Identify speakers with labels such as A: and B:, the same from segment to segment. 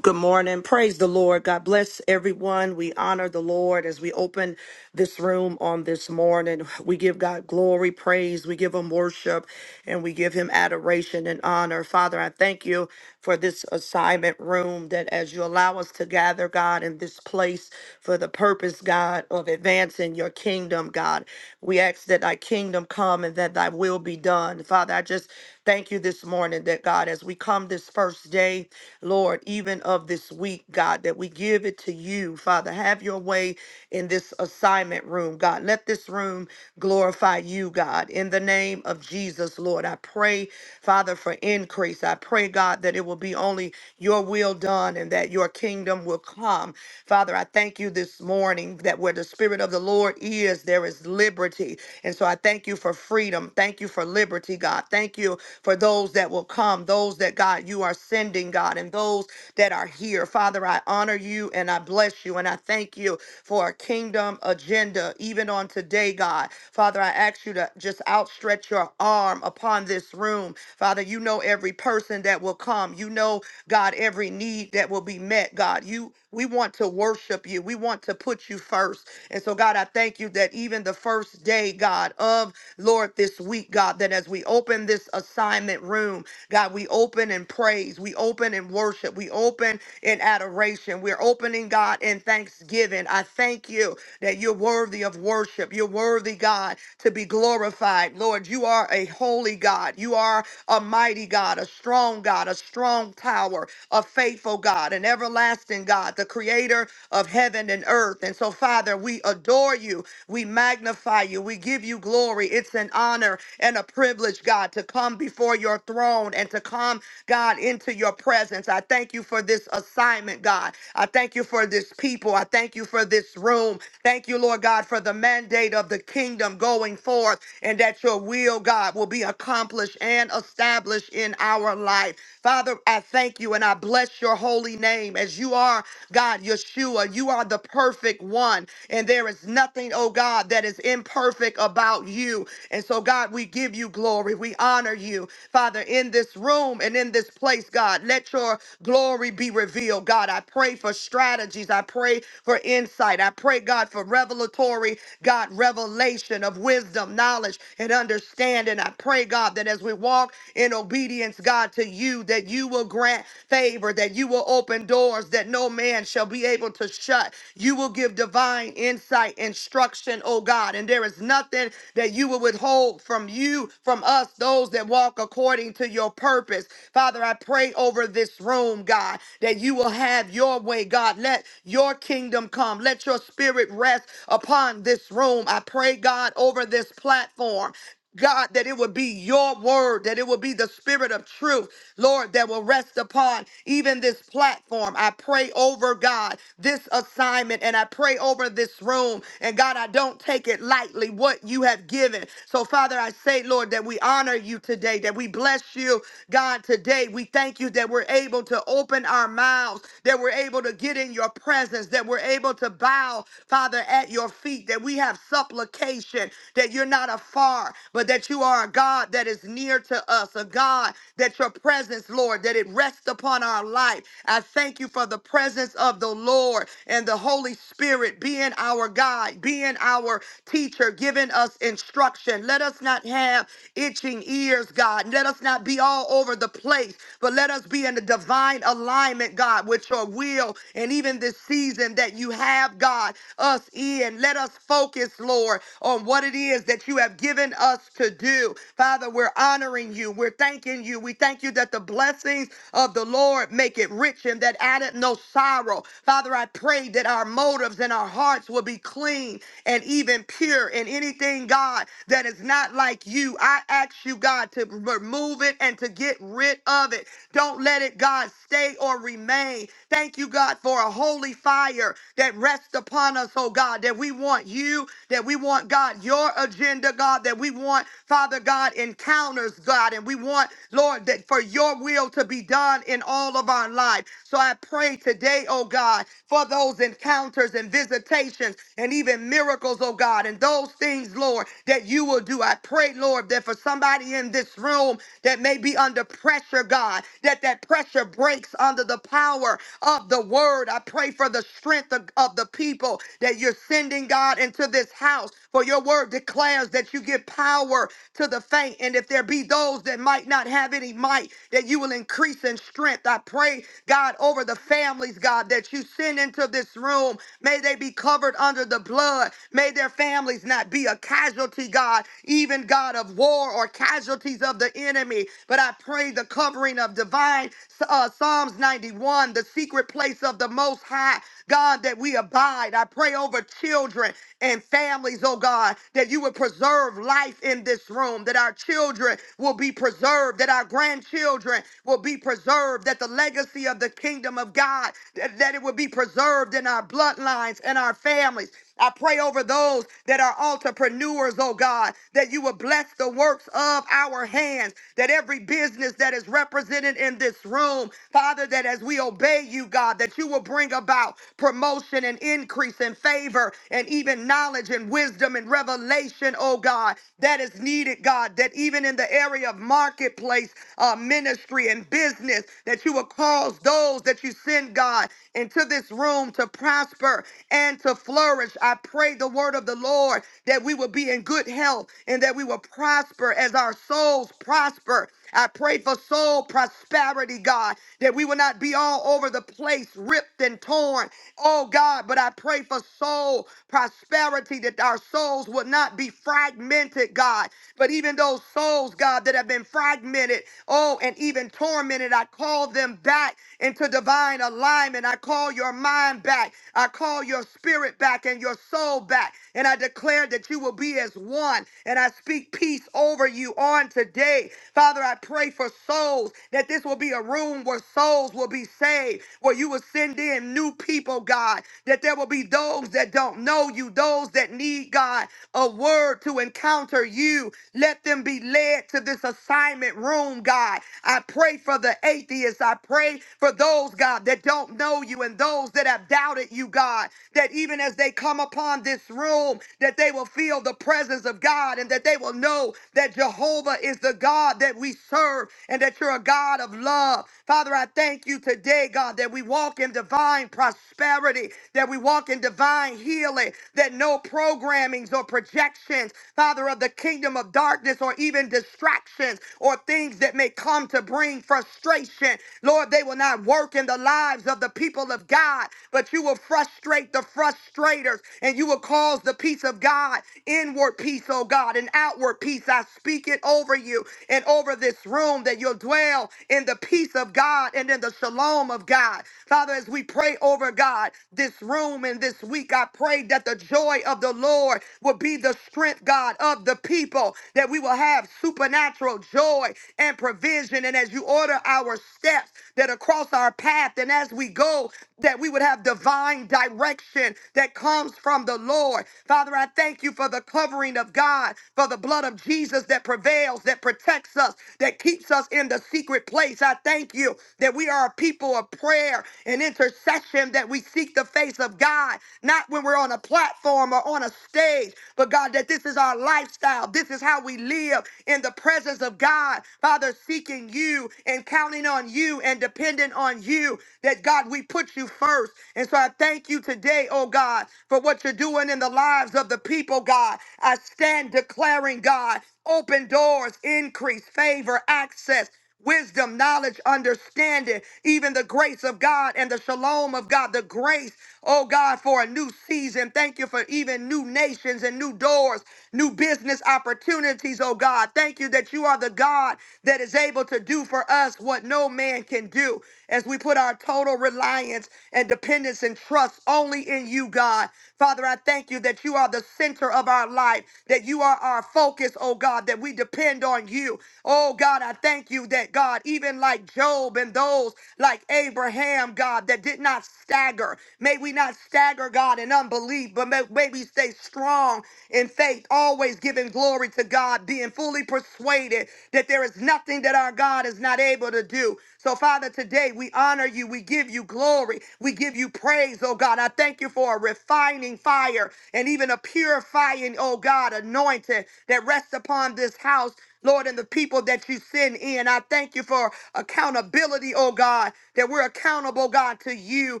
A: Good morning. Praise the Lord. God bless everyone. We honor the Lord as we open this room on this morning. We give God glory, praise, we give him worship, and we give him adoration and honor. Father, I thank you for this assignment room that as you allow us to gather, God, in this place for the purpose, God, of advancing your kingdom, God. We ask that thy kingdom come and that thy will be done. Father, I just Thank you this morning that God, as we come this first day, Lord, even of this week, God, that we give it to you, Father. Have your way in this assignment room, God. Let this room glorify you, God. In the name of Jesus, Lord, I pray, Father, for increase. I pray, pray, God, that it will be only your will done and that your kingdom will come. Father, I thank you this morning that where the Spirit of the Lord is, there is liberty. And so I thank you for freedom. Thank you for liberty, God. Thank you for those that will come, those that, God, you are sending, God, and those that are here. Father, I honor you and I bless you and I thank you for a kingdom agenda, even on today, God. Father, I ask you to just outstretch your arm upon this room. Father, you know every person that will come. You know, God, every need that will be met, God. You we want to worship you. We want to put you first. And so, God, I thank you that even the first day, God, of Lord, this week, God, that as we open this assignment room, God, we open in praise. We open in worship. We open in adoration. We're opening, God, in thanksgiving. I thank you that you're worthy of worship. You're worthy, God, to be glorified. Lord, you are a holy God. You are a mighty God, a strong God, a strong tower, a faithful God, an everlasting God, the creator of heaven and earth. And so, Father, we adore you. We magnify you. We give you glory. It's an honor and a privilege, God, to come before your throne and to come, God, into your presence. I thank you for this assignment, God. I thank you for this people. I thank you for this room. Thank you, Lord God, for the mandate of the kingdom going forth and that your will, God, will be accomplished and established in our life. Father, I thank you and I bless your holy name as you are, God, Yeshua. You are the perfect one, and there is nothing, oh God, that is imperfect about you. And so, God, we give you glory. We honor you, Father, in this room and in this place, God. Let your glory be revealed, God. I pray for strategies. I pray for insight. I pray, God, for revelatory, God, revelation of wisdom, knowledge, and understanding. I pray, God, that as we walk, in in obedience, God, to you, that you will grant favor, that you will open doors that no man shall be able to shut. You will give divine insight, instruction, oh God. And there is nothing that you will withhold from you, from us, those that walk according to your purpose. Father, I pray over this room, God, that you will have your way, God. Let your kingdom come. Let your spirit rest upon this room. I pray, God, over this platform. God, that it would be your word, that it would be the spirit of truth, Lord, that will rest upon even this platform. I pray over God, this assignment, and I pray over this room. And God, I don't take it lightly what you have given. So, Father, I say, Lord, that we honor you today, that we bless you, God, today. We thank you that we're able to open our mouths, that we're able to get in your presence, that we're able to bow, Father, at your feet, that we have supplication, that you're not afar, but that you are a God that is near to us, a God that your presence, Lord, that it rests upon our life. I thank you for the presence of the Lord and the Holy Spirit being our guide, being our teacher, giving us instruction. Let us not have itching ears, God. Let us not be all over the place, but let us be in the divine alignment, God, with your will and even this season that you have, God, us in. Let us focus focused, Lord, on what it is that you have given us to do. Father, we're honoring you. We're thanking you. We thank you that the blessings of the Lord make it rich and that added no sorrow. Father, I pray that our motives and our hearts will be clean and even pure in anything, God, that is not like you. I ask you, God, to remove it and to get rid of it. Don't let it, God, stay or remain. Thank you, God, for a holy fire that rests upon us Align us, oh God, that we want you, that we want, God, your agenda, God, that we want, Father God, encounters, God, and we want, Lord, that for your will to be done in all of our life. So I pray today, oh God, for those encounters and visitations and even miracles, oh God, and those things, Lord, that you will do. I pray, Lord, that for somebody in this room that may be under pressure, God, that that pressure breaks under the power of the word. I pray for the strength of, of the people that you're sending, God, into this house. For your word declares that you give power to the faint. And if there be those that might not have any might, that you will increase in strength. I pray, God, over the families, God, that you send into this room. May they be covered under the blood. May their families not be a casualty, God, even God of war or casualties of the enemy. But I pray the covering of divine uh, Psalms 91, the secret place place of the Most High, God, that we abide. I pray over children and families, oh God, that you would preserve life in this room, that our children will be preserved, that our grandchildren will be preserved, that the legacy of the kingdom of God, that, that it will be preserved in our bloodlines and our families. I pray over those that are entrepreneurs, oh God, that you will bless the works of our hands, that every business that is represented in this room, Father, that as we obey you, God, that you will bring about promotion and increase and favor and even knowledge and wisdom and revelation, oh God, that is needed, God, that even in the area of marketplace uh, ministry and business, that you will cause those that you send, God, into this room to prosper and to flourish flourish. I pray the word of the Lord that we will be in good health and that we will prosper as our souls prosper. I pray for soul prosperity, God, that we will not be all over the place, ripped and torn. Oh, God, but I pray for soul prosperity, that our souls will not be fragmented, God, but even those souls, God, that have been fragmented, oh, and even tormented, I call them back into divine alignment. I call your mind back. I call your spirit back and your soul back. And I declare that you will be as one. And I speak peace over you on today. Father, I pray for souls that this will be a room where souls will be saved, where you will send in new people, God, that there will be those that don't know you, those that need, God, a word to encounter you. Let them be led to this assignment room, God. I pray for the atheists. I pray for those, God, that don't know you and those that have doubted you, God. God, that even as they come upon this room, that they will feel the presence of God and that they will know that Jehovah is the God that we serve and that you're a God of love. Father, I thank you today, God, that we walk in divine prosperity, that we walk in divine healing, that no programmings or projections, Father, of the kingdom of darkness or even distractions or things that may come to bring frustration, Lord, they will not work in the lives of the people of God, but you will frustrate frustrate the frustrators, and you will cause the peace of God, inward peace, oh God, and outward peace. I speak it over you and over this room that you'll dwell in the peace of God and in the shalom of God. Father, as we pray over God, this room and this week, I pray that the joy of the Lord will be the strength, God, of the people, that we will have supernatural joy and provision. And as you order our steps, that across our path, and as we go, that we would have divine divine direction that comes from the Lord. Father, I thank you for the covering of God, for the blood of Jesus that prevails, that protects us, that keeps us in the secret place. I thank you that we are a people of prayer and intercession, that we seek the face of God, not when we're on a platform or on a stage, but God, that this is our lifestyle. This is how we live in the presence of God. Father, seeking you and counting on you and dependent on you, that God, we put you first first. And so I thank you today, oh God, for what you're doing in the lives of the people, God. I stand declaring, God, open doors, increase, favor, access wisdom, knowledge, understanding, even the grace of God and the shalom of God, the grace, oh God, for a new season. Thank you for even new nations and new doors, new business opportunities, oh God. Thank you that you are the God that is able to do for us what no man can do as we put our total reliance and dependence and trust only in you, God. Father, I thank you that you are the center of our life, that you are our focus, oh God, that we depend on you. Oh God, I thank you that God, even like Job and those like Abraham, God, that did not stagger. May we not stagger, God, in unbelief, but may, may we stay strong in faith, always giving glory to God, being fully persuaded that there is nothing that our God is not able to do. So, Father, today we honor you. We give you glory. We give you praise, oh God. I thank you for a refining fire and even a purifying, oh God, anointing that rests upon this house. Lord, and the people that you send in, I thank you for accountability, oh God, that we're accountable, God, to you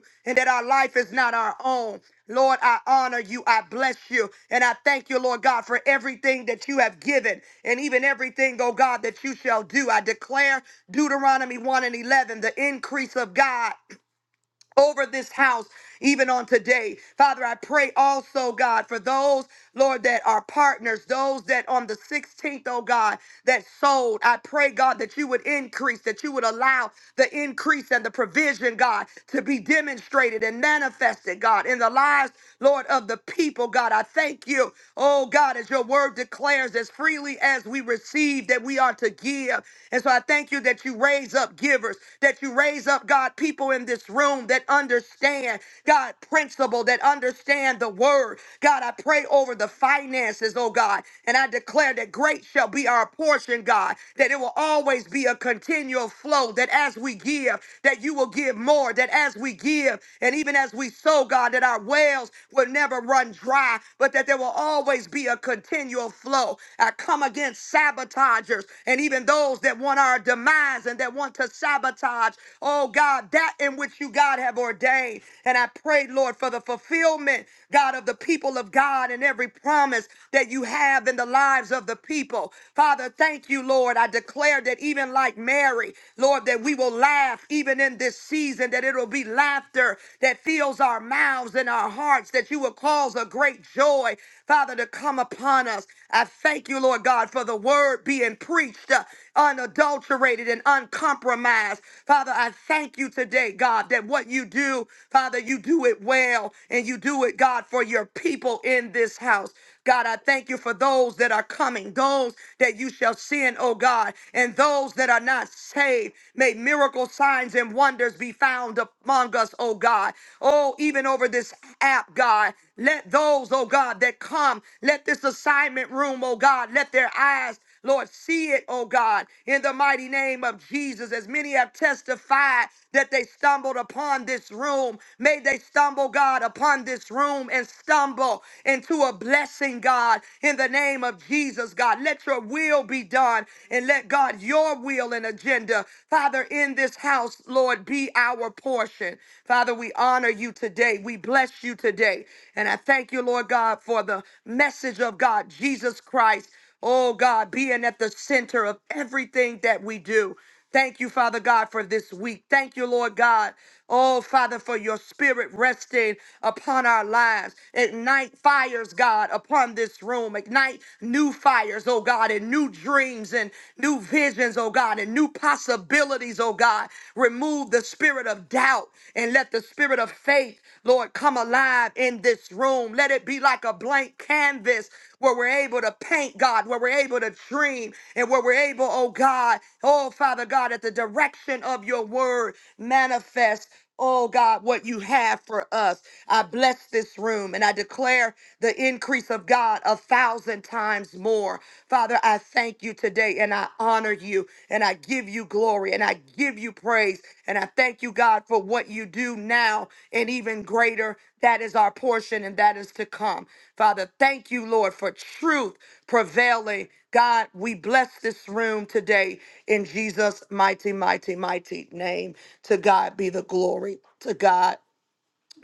A: and that our life is not our own. Lord, I honor you. I bless you. And I thank you, Lord God, for everything that you have given and even everything, oh God, that you shall do. I declare Deuteronomy 1 and 11, the increase of God over this house even on today. Father, I pray also, God, for those, Lord, that are partners, those that on the 16th, oh God, that sold. I pray, God, that you would increase, that you would allow the increase and the provision, God, to be demonstrated and manifested, God, in the lives, Lord, of the people, God. I thank you, oh God, as your word declares, as freely as we receive, that we are to give. And so I thank you that you you raise up givers, that you raise up, God, people in this room that understand, God, principle, that understand the word. God, I pray over the finances, oh God, and I declare that great shall be our portion, God, that it will always be a continual flow, that as we give, that you will give more, that as we give, and even as we sow, God, that our wells will never run dry, but that there will always be a continual flow. I come come against sabotagers and even those that want our demise and that want to sabotage, oh God, that in which you, God, have ordained. And I pray, Lord, for the fulfillment, God, of the people of God and every promise that you have in the lives of the people. Father, thank you, Lord. I declare that even like Mary, Lord, that we will laugh even in this season, that it'll be laughter that fills our mouths and our hearts, that you will cause a great great joy, Father, to come upon us. I thank you, Lord God, for the word being preached uh, unadulterated and uncompromised. Father, I thank you today, God, that what you do, Father, you do it well and you do it, God, for your people in this house. God, I thank you for those that are coming, those that you shall send, oh God, and those that are not saved. May miracle signs and wonders be found among us, oh God. Oh, even over this app, God. Let those, oh God, that come, let this assignment room, oh God, let their eyes Lord, see it, oh God, in the mighty name of Jesus. As many have testified that they stumbled upon this room, may they stumble, God, upon this room and stumble into a blessing, God, in the name of Jesus, God. Let your will be done and let God, your will and agenda, Father, in this house, Lord, be our portion. Father, we honor you today. We bless you today. And I thank you, Lord God, for the message of God, Jesus Christ. Oh God, being at the center of everything that we do. Thank you, Father God, for this week. Thank you, Lord God. Oh, Father, for your spirit resting upon our lives. Ignite fires, God, upon this room. Ignite new fires, oh God, and new dreams and new visions, oh God, and new possibilities, oh God. Remove the spirit of doubt and let and let the spirit of faith, Lord, come alive in this room. Let it be like a blank canvas where we're able to paint, God, where we're able to dream, and where we're able, oh God, oh Father God, at the direction of your word, manifest. Oh God, what you have for us. I bless this room and I declare the increase of God a thousand times more. Father. Father, I thank you today and I honor you and I give you glory and I give you praise. And I thank you, God, for what you do now and even greater. That is our portion and that is to come. Father, thank you, Lord, for truth prevailing. God, we bless this room today in Jesus' mighty, mighty, mighty name. To God be the glory. To God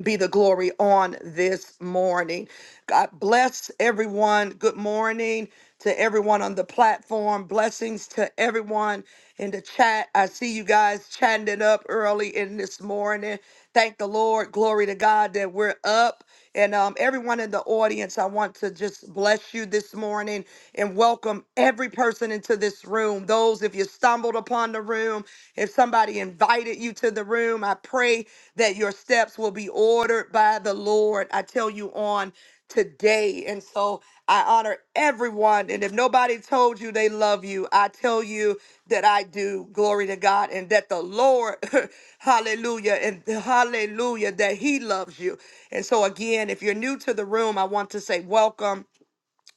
A: be the glory on this morning. God bless everyone. Good morning to everyone on the platform. Blessings to everyone in the chat. I see you guys chatting it up early in this morning. Thank the Lord. Glory to God that we're up. And um, everyone in the audience, I want to just bless you this morning and welcome every person into this room. Those, if you stumbled upon, called upon the room, if somebody invited you to the room, I pray that your steps will be ordered by the Lord. I tell you on today. And so I honor everyone. And if nobody told you they love you, I tell you that I do. Glory to God. And that the Lord, hallelujah, and hallelujah, that He loves you. And so, again, if you're new to the room, I want to say welcome.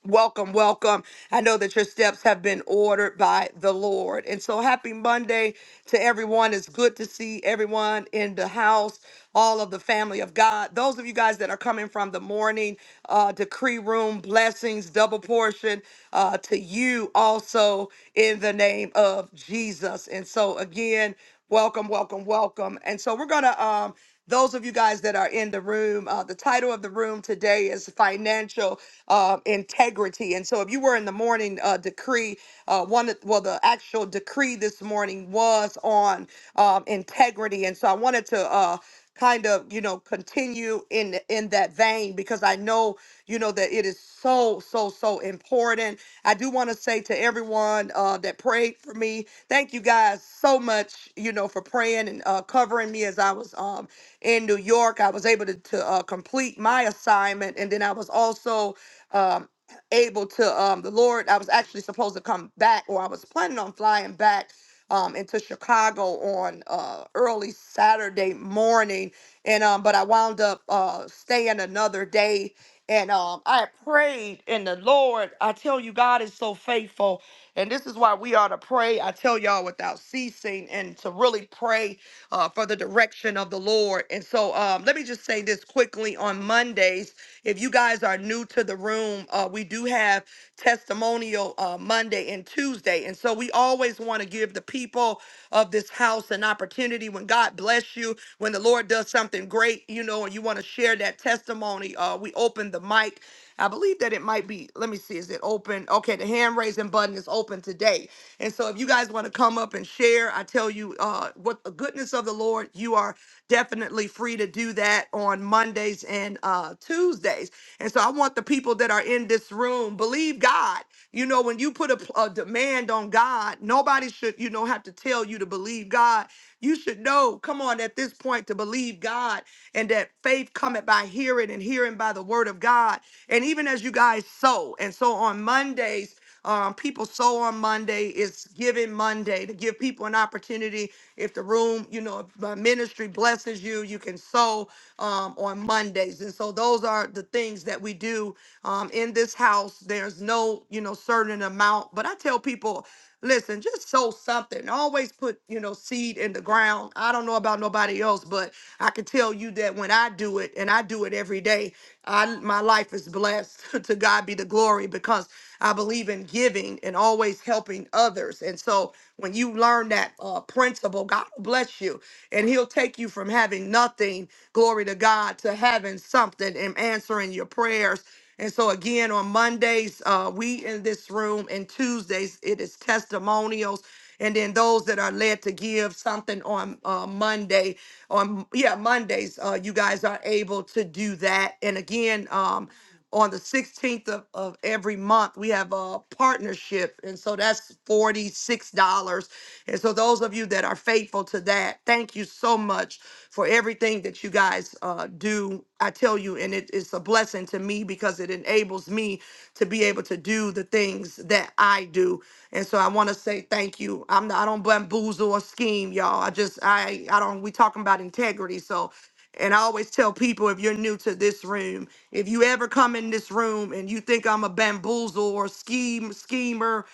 A: Welcome, welcome. I know that your steps have been ordered by the Lord. And so, happy Monday to everyone. It's good to see everyone in the house, all of the family of God. Those of you guys that are coming from the morning uh, decree room, blessings, double portion uh, to you also in the name of Jesus. And so, again, welcome, welcome, welcome. And so, we're going to. Um, those of you guys that are in the room, uh, the title of the room today is Financial uh, Integrity. And so if you were in the morning uh, decree, uh, one, of- well, the actual decree this morning was on um, integrity. And so I wanted to uh, kind of, you know, continue in, in that in that vein because I know, you know, that it is so, so, so important. I do want to say to everyone uh, that prayed for me, thank you guys so much, you know, for praying and uh, covering me as I was um, in New York. I was able to, to uh, complete my assignment. And then I was also um, able to, um, the Lord, I was actually supposed to come back or I was planning on flying back um, into Chicago on uh, early Saturday morning, and um, but I wound up uh, staying another day. And um, I prayed in the Lord. I tell you, God is so faithful. And this is why we ought to pray. I tell y'all without ceasing and to really pray uh, for the direction of the Lord. And so um, let me just say this quickly on Mondays. If you guys are new to the room, uh, we do have testimonial uh, Monday and Tuesday. Wednesday. And so we always want to give the people of this house an opportunity when God bless you, when the Lord does something great, you know, and you want to share that testimony. Uh, we open the mic. I believe that it might be, let me see, is it open? Okay, the hand raising button is open today. And so if you guys want to come up and share, I tell you uh, what the goodness of the Lord, you are definitely free to do that on Mondays and uh, Tuesdays. And so I want the people that are in this room, believe God. You know, when you put a, a demand on God, nobody should, you know, have to tell you to believe God. You should know, come on, at this point, to believe God and that faith cometh by hearing and hearing by the word of God. And even as you guys sow, and so on Mondays, um, people sow on Monday. It's Giving Monday to give people an opportunity. If the room, you know, if my ministry blesses you, you can sow um, on Mondays. And so those are the things that we do um, in this house. There's no, you know, certain amount, but I tell people Listen, just sow something. Always put, you know, seed in the ground. I don't know about nobody else, but I can tell you that when I do it, and I do it every day, I my life is blessed. to God be the glory because I believe in giving and always helping others. And so when you learn that uh, principle, God will bless you and he'll take you from having nothing, glory to God, to having something and answering your prayers and so again, on Mondays, uh, we in this room, and Tuesdays it is testimonials. And then those that are led to give something on uh, Monday, on yeah Mondays, uh, you guys are able to do that. And again, um, on the 16th of, of every month, we have a partnership, and so that's forty six dollars. And so those of you that are faithful to that, thank you so much much for everything that you guys uh, do. I tell you, and it is a blessing to me because it enables me to be able to do the things that I do. And so I want to say thank you. I'm not, I don't bamboozle or scheme, y'all. I just I I don't. We talking about integrity, so. And I always tell people if you're new to this room, if you ever come in this room and you think I'm a bamboozle or scheme schemer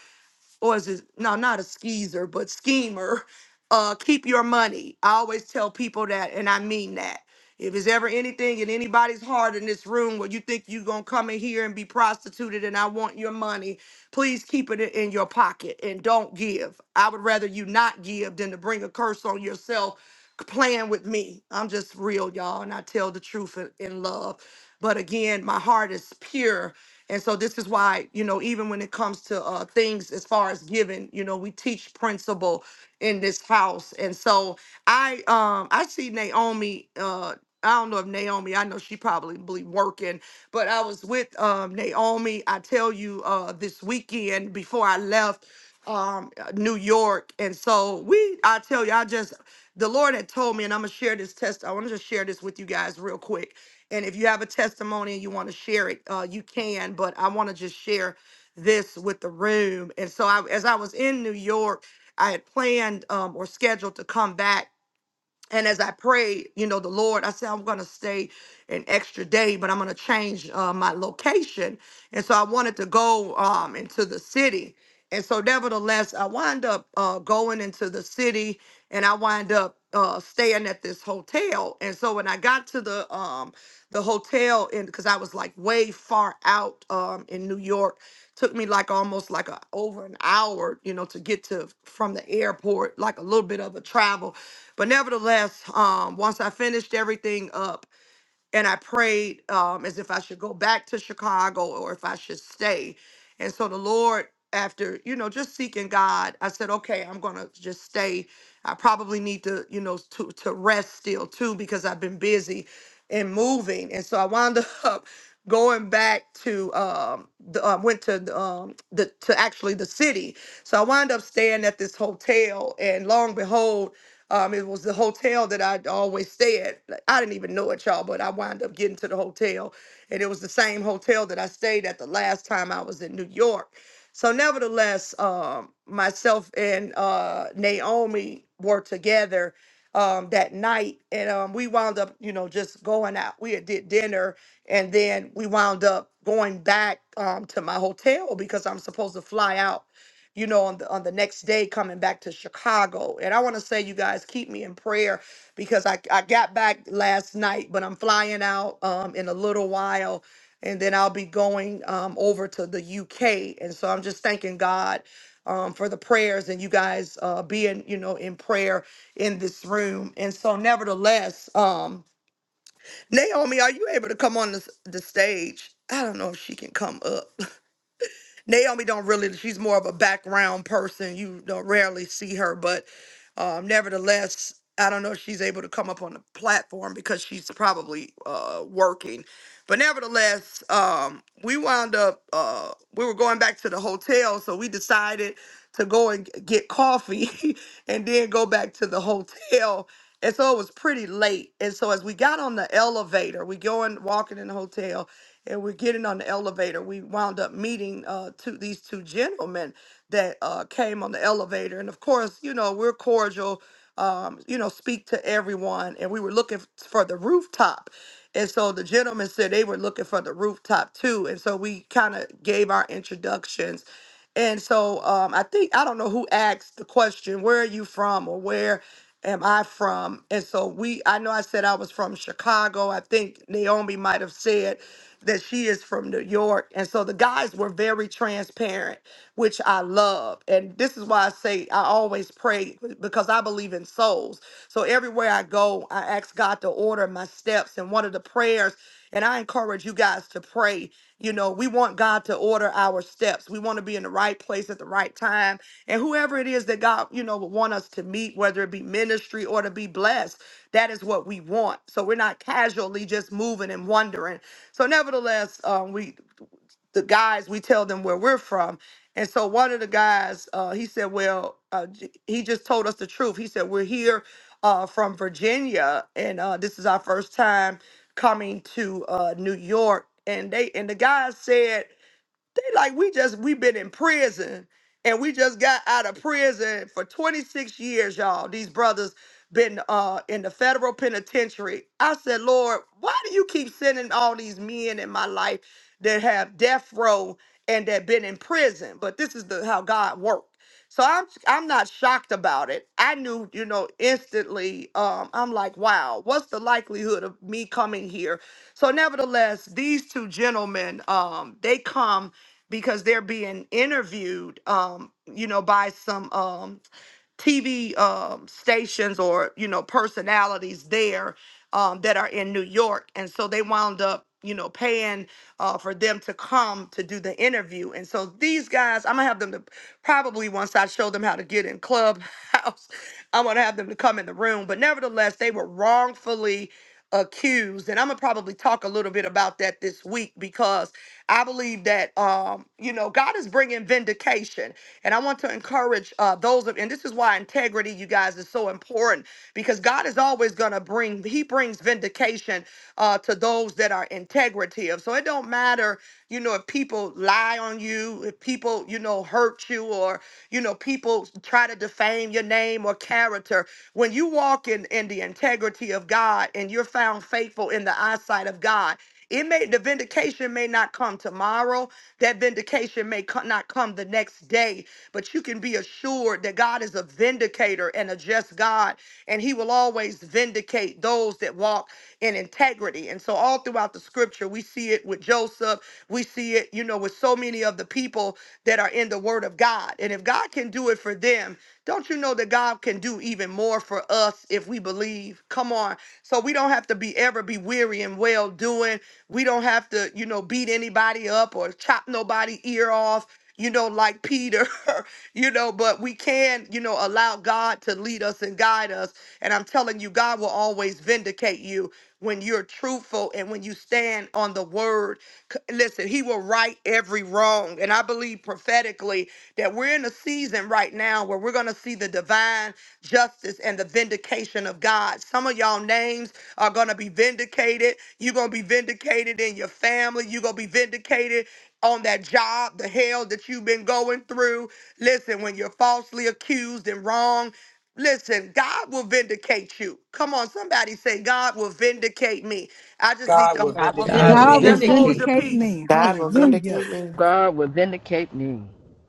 A: or is it no not a skeezer but schemer uh keep your money i always tell people that and i mean that if there's ever anything in anybody's heart in this room where you think you're going to come in here and be prostituted and i want your money please keep it in your pocket and don't give i would rather you not give than to bring a curse on yourself playing with me i'm just real y'all and i tell the truth in in love but again, my heart is pure. And so this is why, you know, even when it comes to uh, things as far as giving, you know, we teach principle in this house. And so I um I see Naomi uh I don't know if Naomi, I know she probably working. But I was with um, Naomi, I tell you, uh, this weekend before I left um, uh, New York. And so we, I tell you, I just, the Lord had told me, and I'm going to share this test. I want to just share this with you guys real quick. And if you have a testimony and you want to share it, uh, you can. But I want to just share this with the room. And so I, as I was in New York, I had planned um, or scheduled to come back and as I prayed, you know, the Lord, I said, I'm going to stay an extra day, but I'm going to change uh, my location. And so I wanted to go um, into the city. And so, nevertheless, I wind up uh, going into the city and I wind up uh, staying at this hotel. And so, when I got to the um, the hotel, and because I was like way far out um, in New York, Took me like almost like a over an hour, you know, to get to from the airport, like a little bit of a travel. But nevertheless, um, once I finished everything up, and I prayed um, as if I should go back to Chicago or if I should stay. And so the Lord, after you know, just seeking God, I said, okay, I'm gonna just stay. I probably need to, you know, to to rest still too because I've been busy and moving. And so I wound up going back to um the, I went to the, um the to actually the city. So I wound up staying at this hotel, and lo and behold. Um, it was the hotel that I'd always stay at. Like, I didn't even know it, y'all, but I wound up getting to the hotel, and it was the same hotel that I stayed at the last time I was in New York. So, nevertheless, um, myself and uh, Naomi were together um, that night, and um, we wound up, you know, just going out. We had did dinner, and then we wound up going back um, to my hotel because I'm supposed to fly out you know, on the on the next day coming back to Chicago. And I want to say you guys keep me in prayer because I I got back last night, but I'm flying out um in a little while and then I'll be going um over to the UK. And so I'm just thanking God um for the prayers and you guys uh being, you know, in prayer in this room. And so nevertheless, um Naomi, are you able to come on the, the stage? I don't know if she can come up. Naomi don't really she's more of a background person. You don't rarely see her, but um, nevertheless, I don't know if she's able to come up on the platform because she's probably uh, working. But nevertheless, um, we wound up uh, we were going back to the hotel, so we decided to go and g- get coffee and then go back to the hotel and so it was pretty late. And so as we got on the elevator, we going walking in the hotel and we're getting on the elevator. We wound up meeting uh two these two gentlemen that uh came on the elevator. And of course, you know, we're cordial, um, you know, speak to everyone. And we were looking f- for the rooftop. And so the gentlemen said they were looking for the rooftop too. And so we kind of gave our introductions. And so um, I think I don't know who asked the question, where are you from or where am I from? And so we, I know I said I was from Chicago. I think Naomi might have said that she is from New York. And so the guys were very transparent, which I love. And this is why I say I always pray because I believe in souls. So everywhere I go, I ask God to order my steps. And one of the prayers, and I encourage you guys to pray. You know, we want God to order our steps. We want to be in the right place at the right time. And whoever it is that God, you know, would want us to meet, whether it be ministry or to be blessed, that is what we want. So we're not casually just moving and wondering. So, nevertheless, um, we the guys we tell them where we're from and so one of the guys uh, he said well uh, j- he just told us the truth he said we're here uh, from virginia and uh, this is our first time coming to uh, new york and they and the guy said they like we just we been in prison and we just got out of prison for 26 years, y'all. These brothers been uh in the federal penitentiary. I said, Lord, why do you keep sending all these men in my life that have death row and that been in prison? But this is the how God worked. So I'm I'm not shocked about it. I knew, you know, instantly. Um, I'm like, wow, what's the likelihood of me coming here? So nevertheless, these two gentlemen, um, they come because they're being interviewed, um, you know, by some um, TV um, stations or you know personalities there um, that are in New York, and so they wound up you know paying uh, for them to come to do the interview. And so these guys, I'm gonna have them to probably once I show them how to get in Clubhouse, I'm gonna have them to come in the room. But nevertheless, they were wrongfully accused, and I'm gonna probably talk a little bit about that this week because I believe that um, you know God is bringing vindication, and I want to encourage uh, those of, and this is why integrity, you guys, is so important because God is always going to bring. He brings vindication uh, to those that are integrative. So it don't matter, you know, if people lie on you, if people, you know, hurt you, or you know, people try to defame your name or character. When you walk in in the integrity of God and you're found faithful in the eyesight of God. It may the vindication may not come tomorrow. That vindication may co- not come the next day, but you can be assured that God is a vindicator and a just God, and He will always vindicate those that walk in integrity. And so, all throughout the Scripture, we see it with Joseph. We see it, you know, with so many of the people that are in the Word of God. And if God can do it for them, don't you know that God can do even more for us if we believe? Come on. So we don't have to be ever be weary and well doing. We don't have to, you know, beat anybody up or chop nobody ear off, you know, like Peter, you know, but we can, you know, allow God to lead us and guide us. And I'm telling you, God will always vindicate you when you're truthful and when you stand on the word. C- Listen, he will right every wrong. And I believe prophetically that we're in a season right now where we're going to see the divine justice and the vindication of God. Some of y'all names are going to be vindicated. You're going to be vindicated in your family. You're going to be vindicated on that job, the hell that you've been going through. Listen, when you're falsely accused and wrong, listen, God will vindicate you. Come on, somebody say, God will vindicate me. I just need
B: God will
A: to
C: I will be
D: God
B: vindicate
D: will
E: God
B: me.
E: will
A: just
C: protecting.
A: hold your
D: vindicate
E: vindicate
D: me.
A: peace.
E: me.
F: God will
E: Hallelujah.
F: vindicate me.
G: God will vindicate me.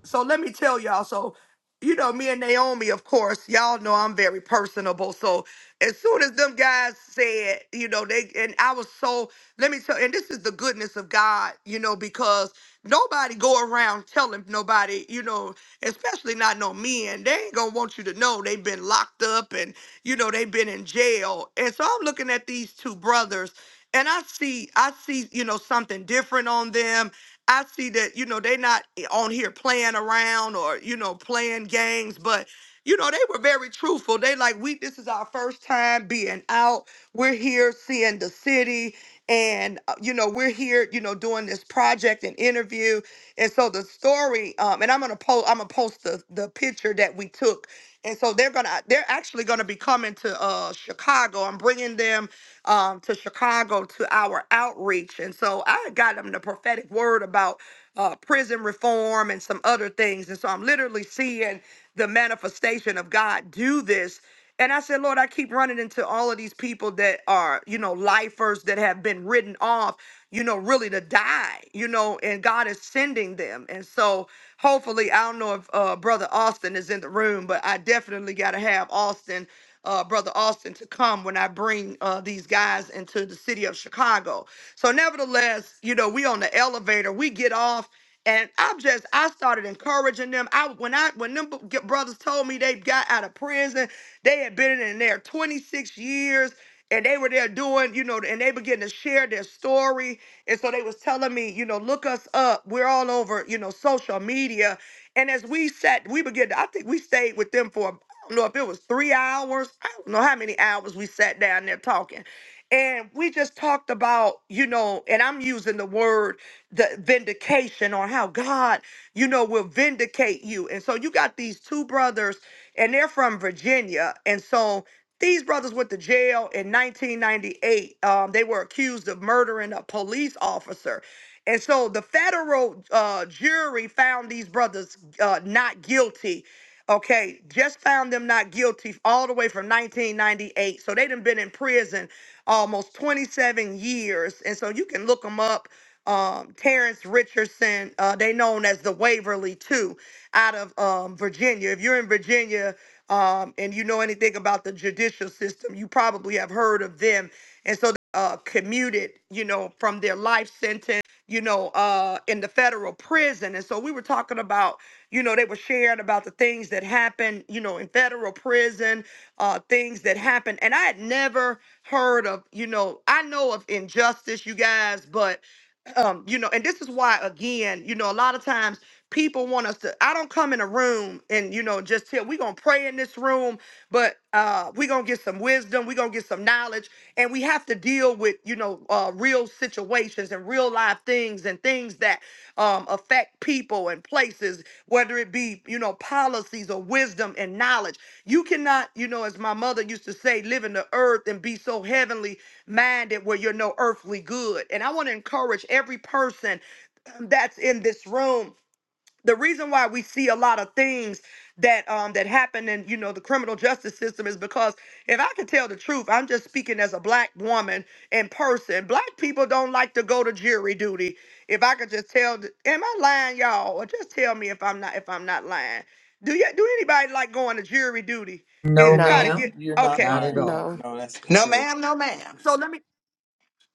A: so let me tell y'all. So, you know, me and Naomi, of course, y'all know I'm very personable. So as soon as them guys said, you know, they and I was so let me tell and this is the goodness of God, you know, because nobody go around telling nobody, you know, especially not no men, they ain't gonna want you to know they've been locked up and you know they've been in jail. And so I'm looking at these two brothers and I see I see, you know, something different on them I see that, you know, they not on here playing around or, you know, playing games, but you know, they were very truthful. They like, we this is our first time being out. We're here seeing the city and uh, you know, we're here, you know, doing this project and interview. And so the story, um, and I'm gonna post I'm gonna post the the picture that we took. And so they're gonna they're actually gonna be coming to uh Chicago. I'm bringing them um, to Chicago to our outreach. And so I got him the prophetic word about uh, prison reform and some other things. And so I'm literally seeing the manifestation of God do this. And I said, Lord, I keep running into all of these people that are, you know, lifers that have been written off, you know, really to die, you know, and God is sending them. And so hopefully, I don't know if uh, Brother Austin is in the room, but I definitely got to have Austin uh, Brother Austin to come when I bring uh, these guys into the city of Chicago. So, nevertheless, you know, we on the elevator, we get off. And I'm just, I started encouraging them. I when I when them b- get- brothers told me they got out of prison, they had been in there 26 years, and they were there doing, you know, and they began to share their story. And so they was telling me, you know, look us up. We're all over, you know, social media. And as we sat, we began to, I think we stayed with them for don't know if it was three hours. I don't know how many hours we sat down there talking. And we just talked about, you know, and I'm using the word the vindication or how God, you know, will vindicate you. And so you got these two brothers, and they're from Virginia. And so these brothers went to jail in 1998. Um, they were accused of murdering a police officer. And so the federal uh, jury found these brothers uh, not guilty Okay, just found them not guilty all the way from 1998. So they done been in prison almost 27 years. And so you can look them up. Um, Terrence Richardson, uh, they known as the Waverly too, out of um, Virginia. If you're in Virginia um, and you know anything about the judicial system, you probably have heard of them. And so uh, commuted, you know, from their life sentence you know, uh, in the federal prison. And so we were talking about, you know, they were sharing about the things that happen, you know, in federal prison, uh, things that happen. And I had never heard of, you know, I know of injustice, you guys, but, um, you know, and this is why, again, you know, a lot of times people want us to, I don't come in a room and, you know, just tell, we're going to pray in this room, but uh, we're going to get some wisdom, we're going to get some knowledge, and we have to deal with, you know, uh, real situations and real life things things and things that um, affect people and places, whether it be, you know, policies or wisdom and knowledge. You cannot, you know, as my mother used to say, live in the earth and be so heavenly minded where you're no earthly good. And I want to encourage every person um, that's in this room the reason why we see a lot of things that um that happen in you know the criminal justice system is because if I could tell the truth, I'm just speaking as a black woman in person. Black people don't like to go to jury duty. If I could just tell, the, am I lying, y'all? Or just tell me if I'm not if I'm not lying. Do you do anybody like going to jury duty
D: No,
A: and try to
F: No,
B: No,
D: ma'am,
A: get
B: You're not
A: okay?
D: not at
B: lying.
D: all.
F: no.
B: No, that's the
H: No,
B: truth.
H: ma'am. No, ma'am.
A: So let me.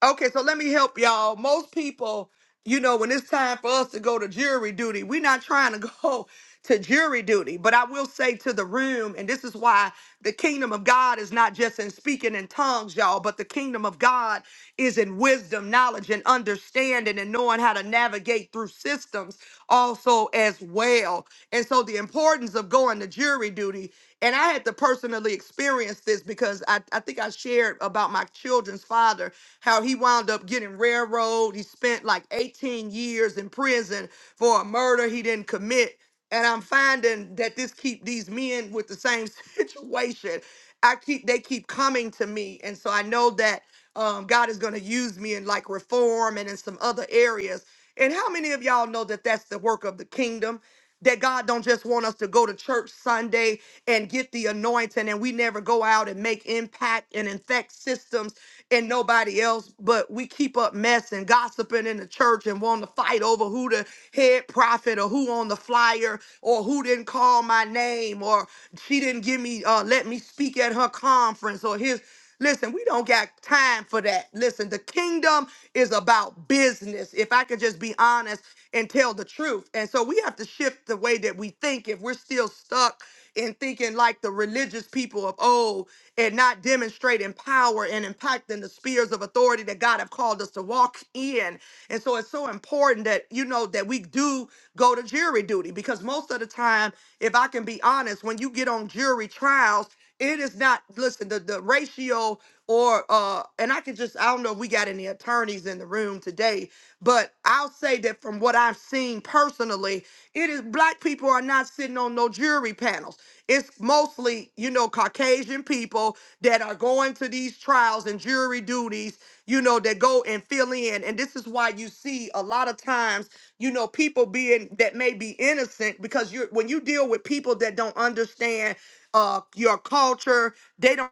A: Okay, so let me help y'all. Most people, you know, when it's time for us to go to jury duty, we're not trying to go to jury duty. But I will say to the room, and this is why the kingdom of God is not just in speaking in tongues, y'all, but the kingdom of God is in wisdom, knowledge, and understanding, and knowing how to navigate through systems also as well. And so the importance of going to jury duty, and I had to personally experience this because I, I think I shared about my children's father how he wound up getting railroaded. He spent like 18 years in prison for a murder he didn't commit. And I'm finding that this keep these men with the same situation. I keep they keep coming to me. And so I know that um, God is going to use me in like reform and in some other areas. And how many of y'all know that that's the work of the kingdom? That God don't just want us to go to church Sunday and get the anointing and we never go out and make impact and infect systems and nobody else, but we keep up mess and gossiping in the church and wanting to fight over who the head prophet or who on the flyer or who didn't call my name or she didn't give me uh let me speak at her conference or his listen, we don't got time for that. Listen, the kingdom is about business. If I could just be honest and tell the truth. And so we have to shift the way that we think If if we're still stuck in thinking like the religious people of old and not demonstrating power and impacting the spheres of authority that God have called us to walk in. And so it's so important that you know that we do go to jury duty because most of the time, if I can be honest, when you get on jury trials, it is not, listen, the, the ratio or uh and I can just I don't know if we got any attorneys in the room today, but I'll say that from what I've seen personally, it is black people are not sitting on no jury panels. It's mostly, you know, Caucasian people that are going to these trials and jury duties, you know, that go and fill in. And this is why you see a lot of times, you know, people being that may be innocent because you're when you deal with people that don't understand uh, your culture. They don't.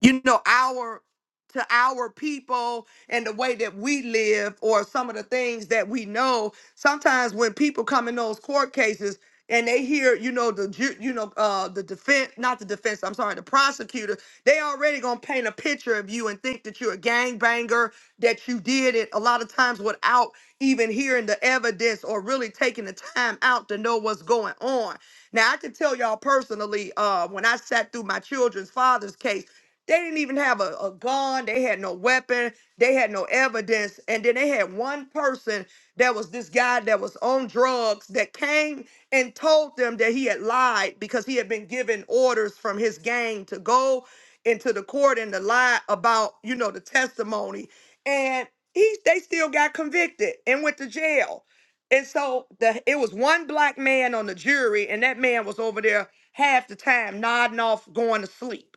A: you know our to our people and the way that we live or some of the things that we know sometimes when people come in those court cases and they hear you know the ju- you know uh the defense not the defense i'm sorry the prosecutor they already gonna paint a picture of you and think that you're a gangbanger that you did it a lot of times without even hearing the evidence or really taking the time out to know what's going on now i can tell y'all personally uh when i sat through my children's father's case they didn't even have a, a gun. They had no weapon. They had no evidence. And then they had one person that was this guy that was on drugs that came and told them that he had lied because he had been given orders from his gang to go into the court and to lie about, you know, the testimony. And he they still got convicted and went to jail. And so the it was one black man on the jury, and that man was over there half the time nodding off, going to sleep.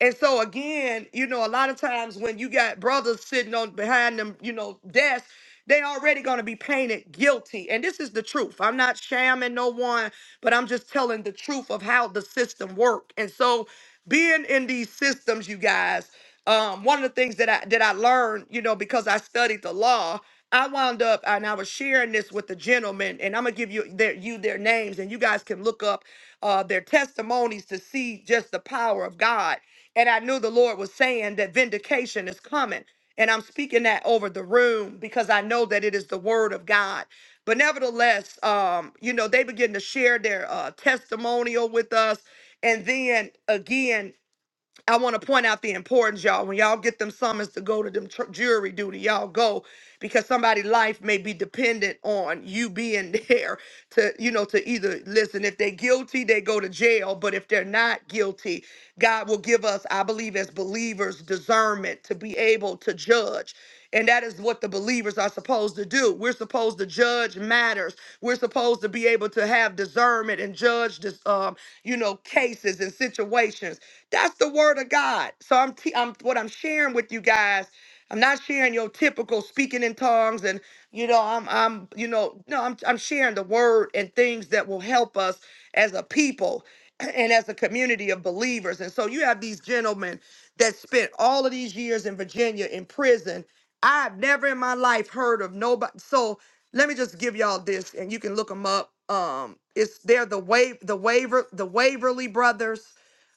A: And so again, you know, a lot of times when you got brothers sitting on behind them, you know, desk, they already gonna be painted guilty. And this is the truth. I'm not shamming no one, but I'm just telling the truth of how the system work. And so being in these systems, you guys, um, one of the things that I that I learned, you know, because I studied the law, I wound up and I was sharing this with the gentleman, and I'm gonna give you their you their names, and you guys can look up uh, their testimonies to see just the power of God. And I knew the Lord was saying that vindication is coming. And I'm speaking that over the room because I know that it is the word of God. But nevertheless, um, you know, they begin to share their uh, testimonial with us. And then again, I want to point out the importance, y'all. When y'all get them summons to go to them tr- jury duty, y'all go because somebody's life may be dependent on you being there to, you know, to either listen. If they're guilty, they go to jail. But if they're not guilty, God will give us, I believe, as believers, discernment to be able to judge. And that is what the believers are supposed to do. We're supposed to judge matters. We're supposed to be able to have discernment and judge this, um, you know, cases and situations that's the word of God. So I'm, te- I'm what I'm sharing with you guys. I'm not sharing your typical speaking in tongues and you know I'm I'm you know no I'm I'm sharing the word and things that will help us as a people and as a community of believers. And so you have these gentlemen that spent all of these years in Virginia in prison. I've never in my life heard of nobody. So let me just give y'all this, and you can look them up. Um, it's they're the wave the waver the Waverly brothers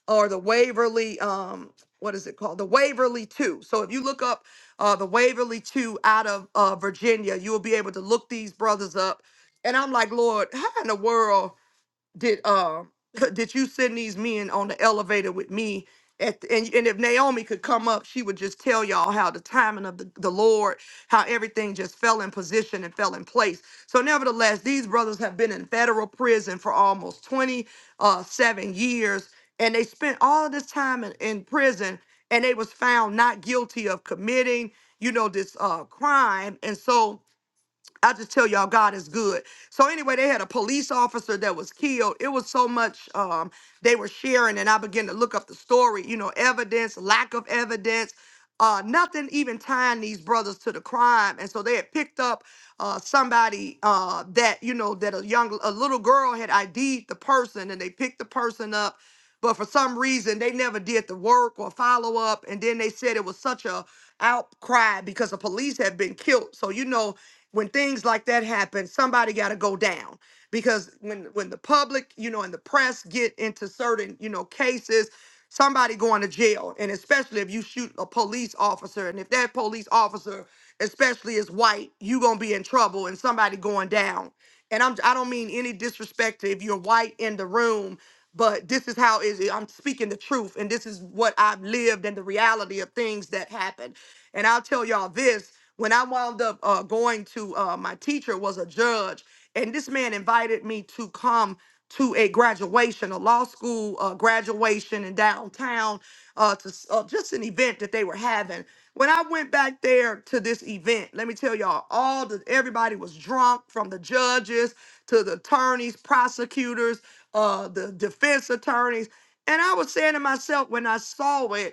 A: or the Waverly, um, what is it called? The Waverly 2. So if you look up uh, the Waverly 2 out of uh, Virginia, you'll be able to look these brothers up. And I'm like, Lord, how in the world? did uh did you send these men on the elevator with me at the, and, and if Naomi could come up, she would just tell y'all how the timing of the, the Lord, how everything just fell in position and fell in place. So, nevertheless, these brothers have been in federal prison for almost 27 years, and they spent all this time in, in prison, and they was found not guilty of committing, you know, this uh, crime. And so, I just tell y'all, God is good. So anyway, they had a police officer that was killed. It was so much um, they were sharing, and I began to look up the story. You know, evidence, lack of evidence, uh, nothing even tying these brothers to the crime. And so they had picked up uh, somebody uh, that you know that a young, a little girl had ID'd the person, and they picked the person up but for some reason they never did the work or follow up and then they said it was such a outcry because the police had been killed so you know when things like that happen somebody got to go down because when when the public you know and the press get into certain you know cases somebody going to jail and especially if you shoot a police officer and if that police officer especially is white you going to be in trouble and somebody going down and I'm I don't mean any disrespect to if you're white in the room, but this is how is I'm speaking the truth, and this is what I've lived and the reality of things that happened. And I'll tell y'all this: when I wound up uh, going to uh, my teacher was a judge, and this man invited me to come to a graduation, a law school uh, graduation in downtown, uh, to s- uh, just an event that they were having. When I went back there to this event, let me tell y'all, all the everybody was drunk from the judges to the attorneys, prosecutors, uh, the defense attorneys. And I was saying to myself when I saw it,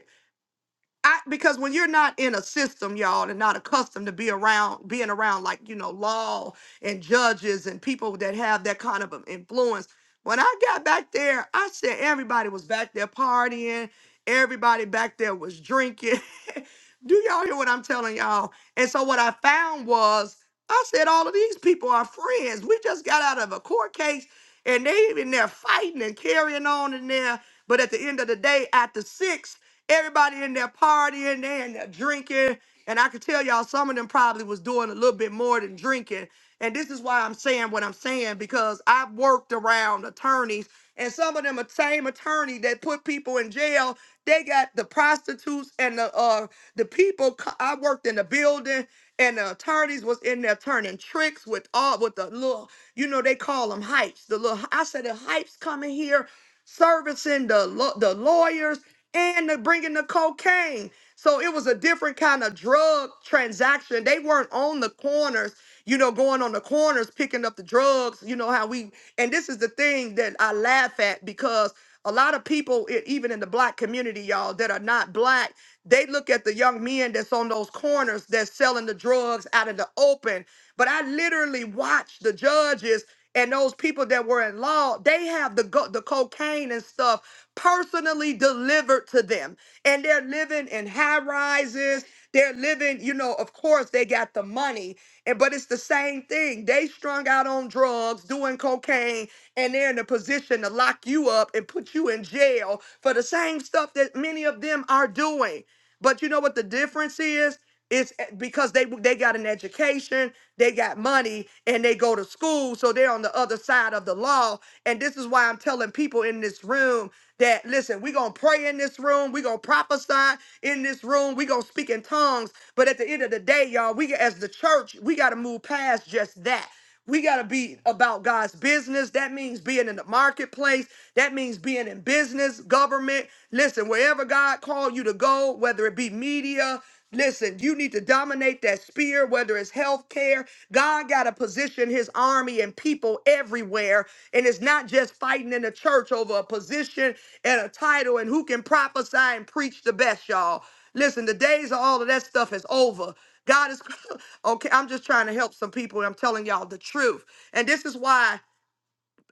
A: I because when you're not in a system, y'all, and not accustomed to be around being around like you know law and judges and people that have that kind of an influence. When I got back there, I said everybody was back there partying, everybody back there was drinking. Do y'all hear what I'm telling y'all? And so what I found was I said all of these people are friends. We just got out of a court case and they in there fighting and carrying on in there. But at the end of the day, after six. Everybody in there partying, they in there drinking. And I could tell y'all some of them probably was doing a little bit more than drinking. And this is why I'm saying what I'm saying, because I've worked around attorneys, and some of them are same attorney that put people in jail. They got the prostitutes and the uh the people co- I worked in the building and the attorneys was in there turning tricks with all with the little you know they call them hypes the little I said the hypes coming here servicing the lo- the lawyers and the bringing the cocaine. So it was a different kind of drug transaction. They weren't on the corners, you know, going on the corners picking up the drugs. You know how we and this is the thing that I laugh at because a lot of people, e- even in the black community, y'all that are not black, they look at the young men that's on those corners that's selling the drugs out in the open but I literally watched the judges and those people that were in law, they have the go- the cocaine and stuff personally delivered to them. And they're living in high rises. They're living, you know, of course they got the money. And but it's the same thing. They strung out on drugs, doing cocaine, and they're in a position to lock you up and put you in jail for the same stuff that many of them are doing. But you know what the difference is? It's e- because they they got an education, they got money, and they go to school, so they're on the other side of the law. And this is why I'm telling people in this room that listen, we're gonna pray in this room, we're gonna prophesy in this room, we're gonna speak in tongues. But at the end of the day, y'all, we as the church, we gotta move past just that. We got to be about God's business. That means being in the marketplace. That means being in business, government. Listen, wherever God called you to go, whether it be media, listen, you need to dominate that sphere, whether it's healthcare. God got to position his army and people everywhere. And it's not just fighting in the church over a position and a title and who can prophesy and preach the best, y'all. Listen, the days of all of that stuff is over. God is okay. I'm just trying to help some people. and I'm telling y'all the truth. And this is why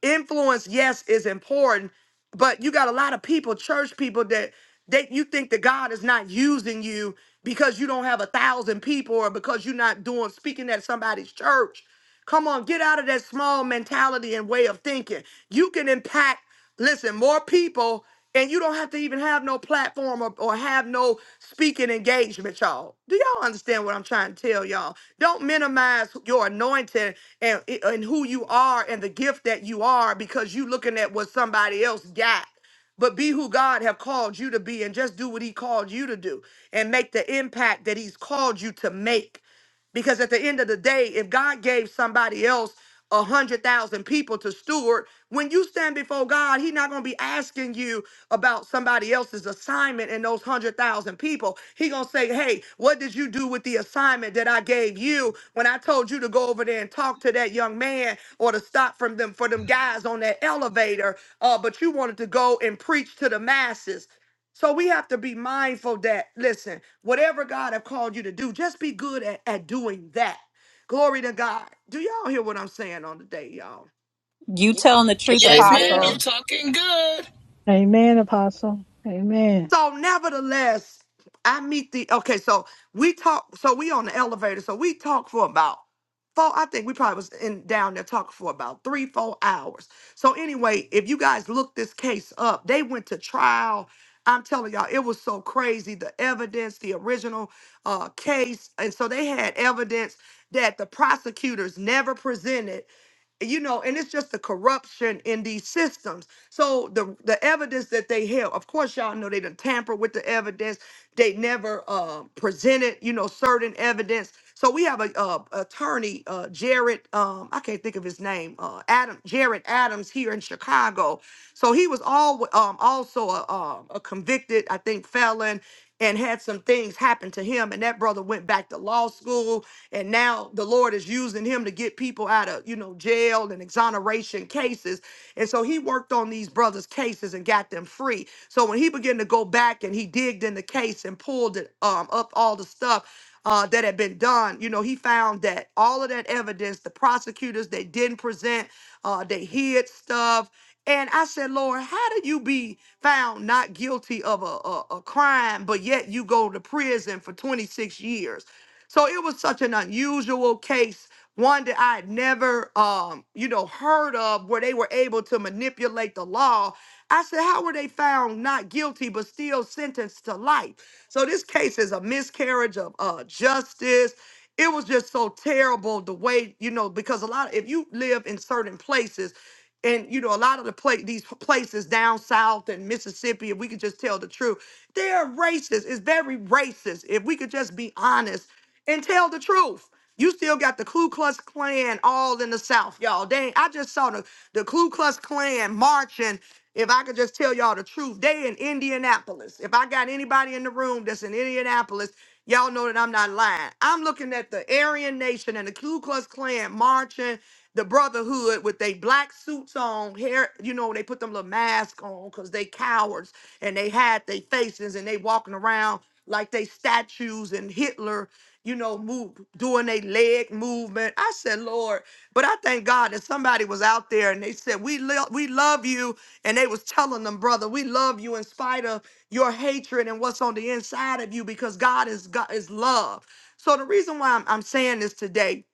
A: influence, yes, is important. But you got a lot of people, church people, that that you think that God is not using you because you don't have a thousand people or because you're not doing speaking at somebody's church. Come on, get out of that small mentality and way of thinking. You can impact. Listen, more people, and you don't have to even have no platform or, or have no speaking engagement, y'all. Do y'all understand what I'm trying to tell y'all? Don't minimize your anointing and, and who you are and the gift that you are because you looking at what somebody else got. But be who God have called you to be and just do what he called you to do and make the impact that he's called you to make. Because at the end of the day, if God gave somebody else a hundred thousand people to steward, when you stand before God, He's not gonna be asking you about somebody else's assignment and those hundred thousand people. He gonna say, Hey, what did you do with the assignment that I gave you when I told you to go over there and talk to that young man or to stop from them for them guys on that elevator? Uh, but you wanted to go and preach to the masses. So we have to be mindful that, listen, whatever God have called you to do, just be good at, at doing that. Glory to God. Do y'all hear what I'm saying on the day, y'all?
C: You telling the truth,
H: Yes, ma'am, you're
C: Apostle.
B: Amen.
H: talking good.
E: Amen, Apostle. Amen.
A: So nevertheless, I meet the okay, so we talk so we on the elevator, so we talk for about four, I think we probably was in down there talking for about three, four hours. So anyway, if you guys look this case up, they went to trial. I'm telling y'all, it was so crazy. The evidence, the original uh case, and so they had evidence that the prosecutors never presented you know, and it's just the corruption in these systems. So the the evidence that they held, of course, y'all know they did tamper with the evidence. They never uh, presented, you know, certain evidence. So we have a, uh attorney, uh, Jared, um, I can't think of his name, uh, Adam Jared Adams here in Chicago. So he was all um, also a, um, a convicted, I think, felon and had some things happen to him and that brother went back to law school and now the lord is using him to get people out of you know jail and exoneration cases and so he worked on these brothers cases and got them free so when he began to go back and he digged in the case and pulled it um, up all the stuff uh, that had been done you know he found that all of that evidence the prosecutors they didn't present uh, they hid stuff and I said, Lord, how do you be found not guilty of a, a, a crime, but yet you go to prison for 26 years? So it was such an unusual case, one that I had never, um, you know, heard of, where they were able to manipulate the law. I said, how were they found not guilty, but still sentenced to life? So this case is a miscarriage of uh, justice. It was just so terrible the way, you know, because a lot, if you live in certain places, and you know a lot of the pla- these places down south in mississippi if we could just tell the truth they're racist it's very racist if we could just be honest and tell the truth you still got the Ku Klux Klan all in the South, y'all. Dang, I just saw the, the Ku Klux Klan marching. If I could just tell y'all the truth, they in Indianapolis. If I got anybody in the room that's in Indianapolis, y'all know that I'm not lying. I'm looking at the Aryan Nation and the Ku Klux Klan marching the brotherhood with they black suits on, hair, you know, they put them little masks on because they cowards and they hide their faces and they walking around like they statues and Hitler, you know, move doing their leg movement. I said, Lord, but I thank God that somebody was out there and they said, We lo- we love you. And they was telling them, brother, we love you in spite of your hatred and what's on the inside of you because God is God is love. So the reason why I'm, I'm saying this today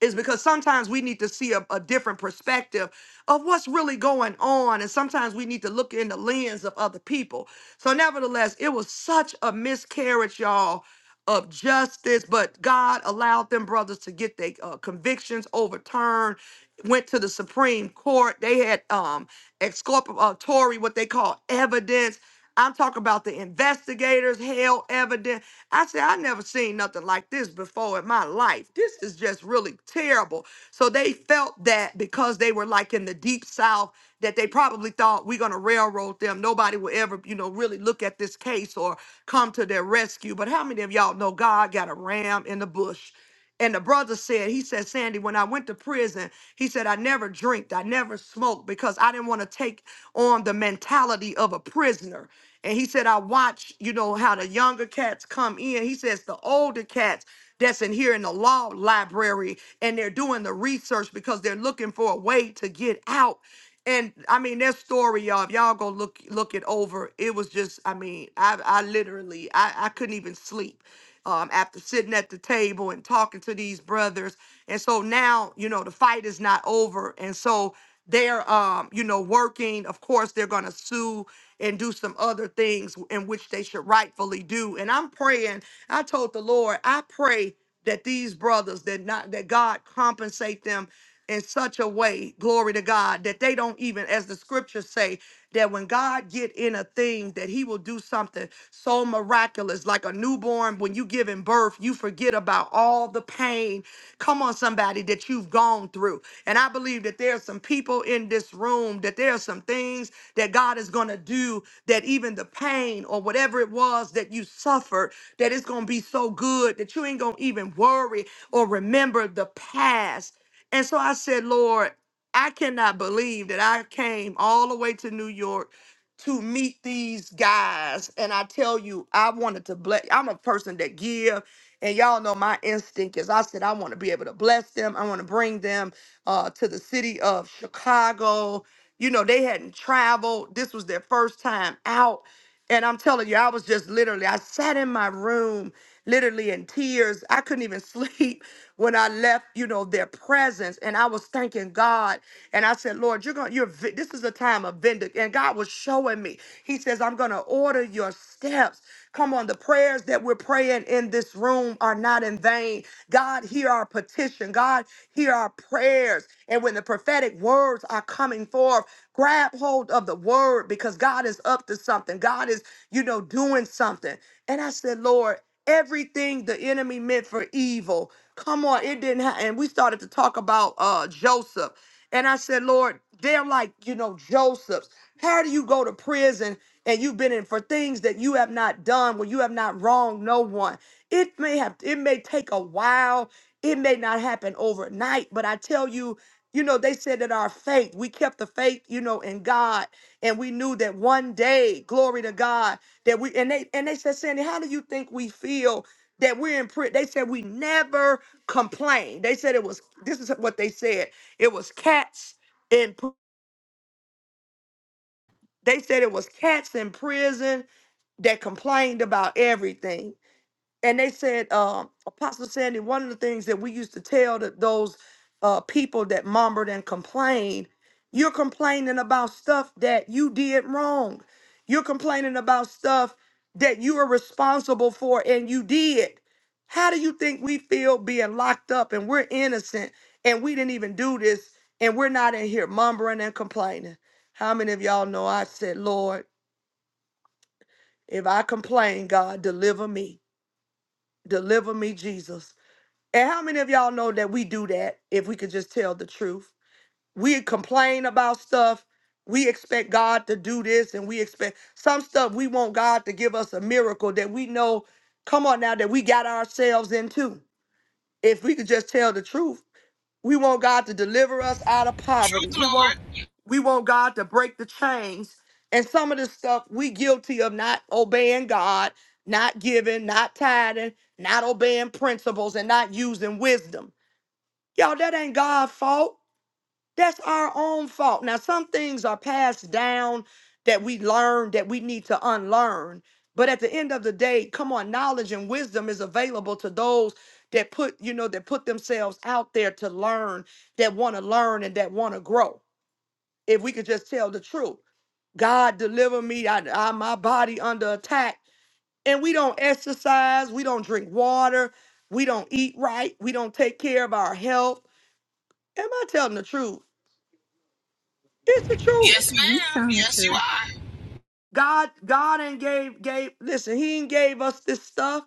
A: is because sometimes we need to see a, a different perspective of what's really going on. And sometimes we need to look in the lens of other people. So, nevertheless, it was such a miscarriage, y'all, of justice. But God allowed them brothers to get their uh, convictions overturned, went to the Supreme Court. They had um, exculpatory, what they call evidence. I'm talking about the investigators, held evidence. I said, I never seen nothing like this before in my life. This is just really terrible. So they felt that because they were like in the deep south, that they probably thought we're gonna railroad them. Nobody will ever, you know, really look at this case or come to their rescue. But how many of y'all know God got a ram in the bush? And the brother said, he said, Sandy, when I went to prison, he said, I never drinked, I never smoked because I didn't want to take on the mentality of a prisoner. And he said, I watch, you know, how the younger cats come in. He says, the older cats that's in here in the law library and they're doing the research because they're looking for a way to get out. And I mean that story, y'all. If y'all go look look it over, it was just, I mean, I I literally I, I couldn't even sleep um after sitting at the table and talking to these brothers. And so now, you know, the fight is not over. And so they're um, you know, working. Of course, they're gonna sue and do some other things in which they should rightfully do. And I'm praying, I told the Lord, I pray that these brothers that not that God compensate them in such a way, glory to God, that they don't even, as the scriptures say, that when God get in a thing, that He will do something so miraculous, like a newborn when you give giving birth, you forget about all the pain. Come on, somebody somebody that you've gone through. And I believe that there are some people in this room, that there are some things that God is going to do that even the pain or whatever it was that you suffered, that it's going to be so good that you ain't going to even worry or remember the past. And so I said, Lord, I cannot believe that I came all the way to New York to meet these guys. And I tell you, I wanted to bless. I'm a person that give, and y'all know my instinct is. I said I want to be able to bless them. I want to bring them uh, to the city of Chicago. You know, they hadn't traveled. This was their first time out. And I'm telling you, I was just literally, I sat in my room literally in tears. I couldn't even sleep when I left, you know, their presence. And I was thanking God. And I said, Lord, you're going, to you're, vi- this is a time of vindic. And God was showing me, He says, I'm going to order your steps. Come on, the prayers that we're praying in this room are not in vain. God, hear our petition. God, hear our prayers. And when the prophetic words are coming forth, grab hold of the word because God is up to something. God is, you know, doing something. And I said, Lord, everything the enemy meant for evil. Come on, it didn't happen. And we started to talk about uh Joseph. And I said, Lord, they're like, you know, Joseph's. How do you go to prison and you've been in for things that you have not done, when you have not wronged no one? It may have, it may take a while. It may not happen overnight, but I tell you, you know, they said that our faith, we kept the faith, you know, in God, and we knew that one day, glory to God, that we and they and they said, Sandy, how do you think we feel that we're in prison? They said we never complained. They said it was this is what they said. It was cats in pr- they said it was cats in prison that complained about everything. and they said, um, Apostle Sandy, one of the things that we used to tell the, those uh, people that murmured and complained, you're complaining about stuff that you did wrong. You're complaining about stuff that you are responsible for and you did. How do you think we feel being locked up and we're innocent and we didn't even do this and we're not in here murmuring and complaining? How many of y'all know I said, Lord, if I complain, God, deliver me. Deliver me, Jesus. And how many of y'all know that we do that if we could just tell the truth? We complain about stuff. We expect God to do this and we expect some stuff we want God to give us a miracle that we know, come on now, that we got ourselves into. If we could just tell the truth, we want God to deliver us out of poverty.
H: Truth,
A: We want
H: Lord.
A: we want God to break the chains. And some of the stuff we guilty of not obeying God, not giving, not tithing, not obeying principles, and not using wisdom. Y'all, that ain't God's fault. That's our own fault. Now, some things are passed down that we learn that we need to unlearn. But at the end of the day, come on, knowledge and wisdom is available to those that put, you know, that put themselves out there to learn, that want to learn and that want to grow. If we could just tell the truth. God deliver me, I, I my body under attack. And we don't exercise, we don't drink water, we don't eat right, we don't take care of our health. Am I telling the truth? It's the truth.
H: Yes,
C: You
H: ma'am.
C: telling the
H: Yes, you
C: truth.
H: are.
A: God, God ain't gave gave. Listen, He ain't gave us this stuff.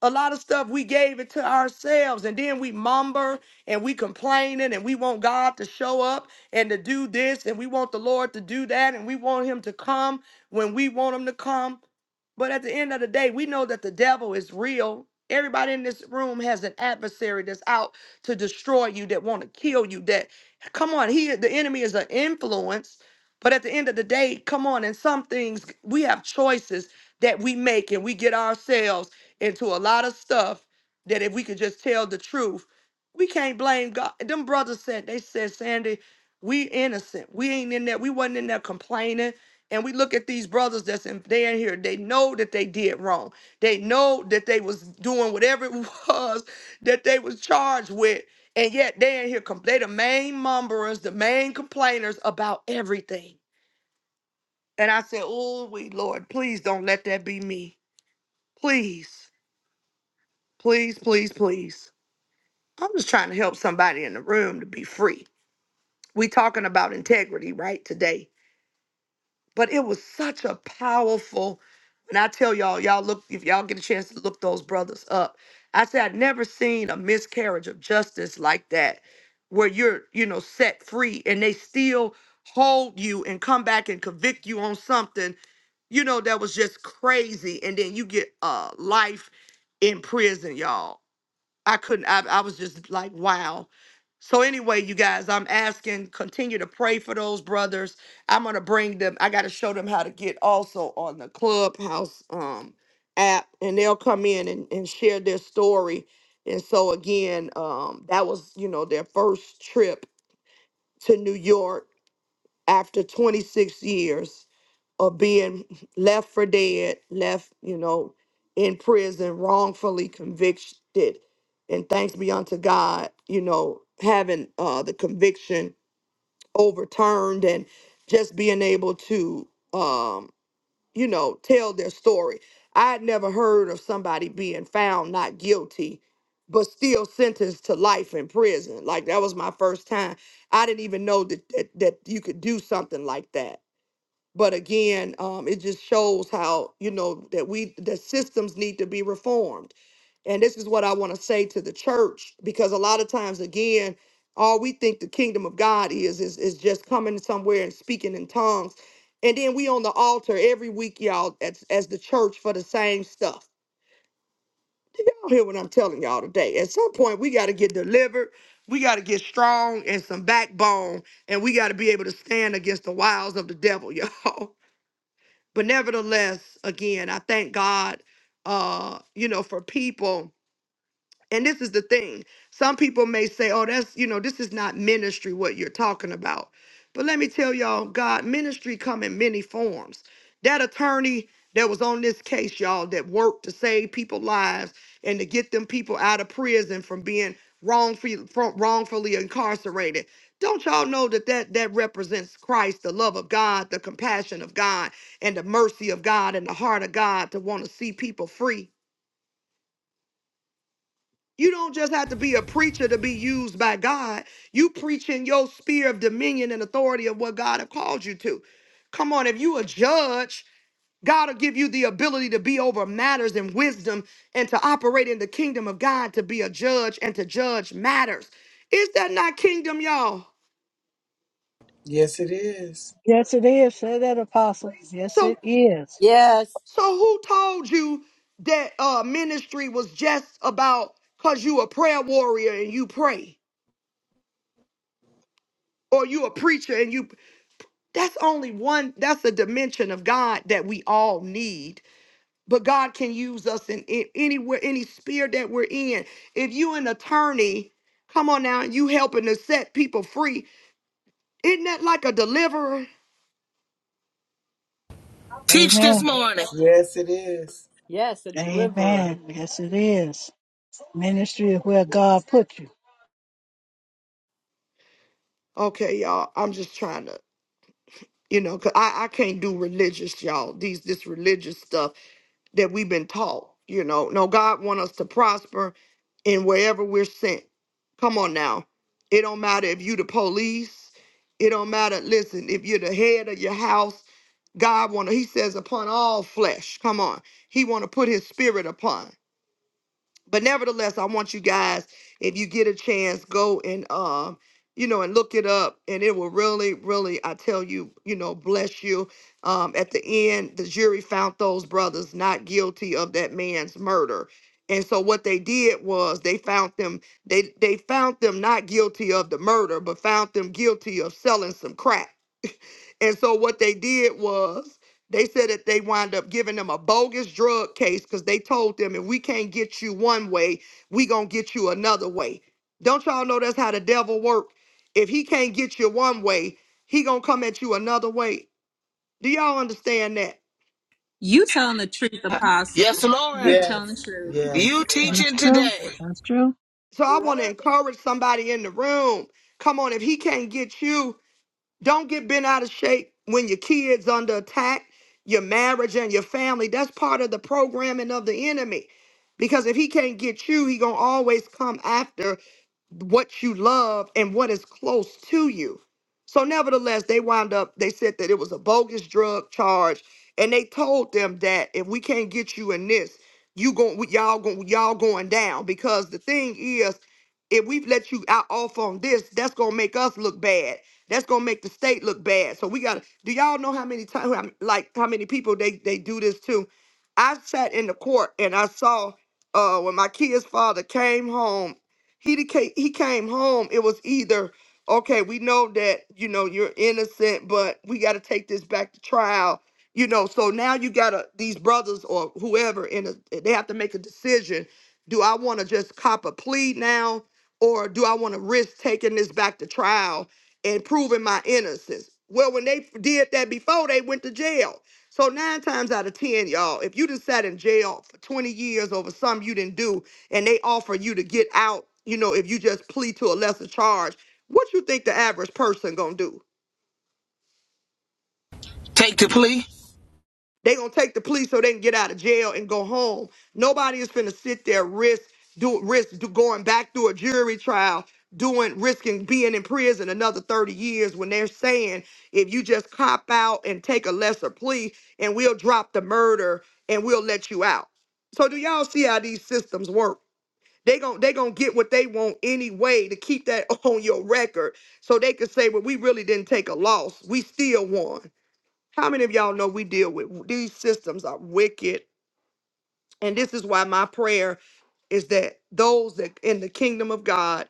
A: A lot of stuff we gave it to ourselves, and then we mumber and we complaining, and we want God to show up and to do this, and we want the Lord to do that, and we want Him to come when we want Him to come. But at the end of the day, we know that the devil is real. Everybody in this room has an adversary that's out to destroy you, that want to kill you. That come on, he the enemy is an influence. But at the end of the day, come on, and some things we have choices that we make and we get ourselves into a lot of stuff that if we could just tell the truth, we can't blame God. Them brothers said, they said, Sandy, we innocent. We ain't in there. We wasn't in there complaining. And we look at these brothers that's in they in here. They know that they did wrong. They know that they was doing whatever it was that they was charged with. And yet they in here com- they the main mumberers, the main complainers about everything. And I said, Oh we Lord, please don't let that be me. Please, please, please, please. I'm just trying to help somebody in the room to be free. We talking about integrity right today, but it was such a powerful. And I tell y'all, y'all look if y'all get a chance to look those brothers up. I said I'd never seen a miscarriage of justice like that, where you're you know set free and they still hold you and come back and convict you on something you know that was just crazy, and then you get uh life in prison, y'all. I couldn't, I, I was just like, wow. So, anyway, you guys, I'm asking, continue to pray for those brothers. I'm going to bring them, I got to show them how to get also on the Clubhouse um, app, and they'll come in and, and share their story. And so, again, um, that was, you know, their first trip to New York after 26 years of being left for dead, left, you know, in prison, wrongfully convicted. And thanks be unto God, you know, having uh, the conviction overturned and just being able to um, you know, tell their story. I had never heard of somebody being found not guilty, but still sentenced to life in prison. Like that was my first time. I didn't even know that that, that you could do something like that. But again, um, it just shows how you know that we the systems need to be reformed and this is what I want to say to the church, because a lot of times, again, all we think the kingdom of God is is, is just coming somewhere and speaking in tongues. And then we on the altar every week, y'all, as, as the church for the same stuff. Do Y'all hear what I'm telling y'all today. At some point, we got to get delivered. We got to get strong and some backbone, and we got to be able to stand against the wiles of the devil, y'all. But nevertheless, again, I thank God, uh, you know, for people and this is the thing. Some people may say, oh, that's, you know, this is not ministry, what you're talking about. But let me tell y'all, God, ministry come in many forms. That attorney that was on this case, y'all, that worked to save people lives and to get them people out of prison from being wrongfully, wrongfully incarcerated. Don't y'all know that, that that represents Christ, the love of God, the compassion of God, and the mercy of God, and the heart of God to want to see people free? You don't just have to be a preacher to be used by God. You preach in your sphere of dominion and authority of what God have called you to. Come on, if you a judge, God will give you the ability to be over matters and wisdom and to operate in the kingdom of God to be a judge and to judge matters. Is that not kingdom, y'all?
B: Yes, it is.
E: Yes, it is. Say that, Apostle. Yes, it
A: So
E: is.
I: Yes.
A: so who told you that uh ministry was just about cause you a prayer warrior and you pray? Or you a preacher and you That's only one, that's a dimension of God that we all need. But God can use us in, in anywhere, any sphere that we're in. If you an attorney, come on now, you helping to set people free. Isn't that like a deliverer?
H: Teach this
E: Amen.
H: morning.
B: Yes, it is.
I: Yes, a deliverer.
E: Amen. Yes, it is. Ministry is where God put you.
A: Okay, y'all. I'm just trying to, you know, cause I, I can't do religious, y'all. These this religious stuff. that we've been taught. You know, no, God want us to prosper in wherever we're sent. Come on now. It don't matter if you the police. It don't matter. Listen, if you're the head of your house, God want to, he says, upon all flesh. Come on. He want to put his spirit upon but nevertheless i want you guys if you get a chance go and um you know and look it up and it will really really i tell you you know bless you um at the end the jury found those brothers not guilty of that man's murder and so what they did was they found them they they found them not guilty of the murder but found them guilty of selling some crack and so what they did was they said that they wind up giving them a bogus drug case because they told them if we can't get you one way, we gonna get you another way. Don't y'all know that's how the devil work? If he can't get you one way, he gonna come at you another way. Do y'all understand that?
C: You telling the truth,
H: Yes,
C: Apostle.
H: Lord.
C: You telling the
B: Yes.
C: truth.
B: Yes.
H: You
E: That's
H: teaching
E: true.
H: today.
E: That's true.
A: So I want to encourage somebody in the room. Come on, if he can't get you, Don't get bent out of shape when your kids under attack, your marriage and your family. That's part of the programming of the enemy. Because if he can't get you, he going to always come after what you love and what is close to you. So nevertheless, they wound up they said that it was a bogus drug charge and they told them that if we can't get you in this, you going y'all going y'all going down because the thing is if we've let you out off on this, that's going to make us look bad that's gonna make the state look bad. So we gotta. Do y'all know how many times, like how many people they they do this to? I sat in the court and I saw uh when my kid's father came home. He deca- he came home. It was either okay. We know that you know you're innocent, but we got to take this back to trial. You know, so now you gotta these brothers or whoever in a, they have to make a decision. Do I want to just cop a plea now, or do I want to risk taking this back to trial? and proving my innocence. Well, when they did that before, they went to jail. So nine times out of ten, y'all, if you just sat in jail for 20 years over something you didn't do, and they offer you to get out, you know, if you just plead to a lesser charge, what you think the average person gonna do?
H: Take the plea.
A: They gonna take the police so they can get out of jail and go home. Nobody is finna sit there risk do risk do going back through a jury trial, doing risking being in prison another thirty years when they're saying if you just cop out and take a lesser plea and we'll drop the murder and we'll let you out. So do y'all see how these systems work? They gon' they gonna get what they want anyway to keep that on your record, so they can say, well, we really didn't take a loss, we still won. How many of y'all know we deal with these systems are wicked? And this is why my prayer is that those that in the kingdom of God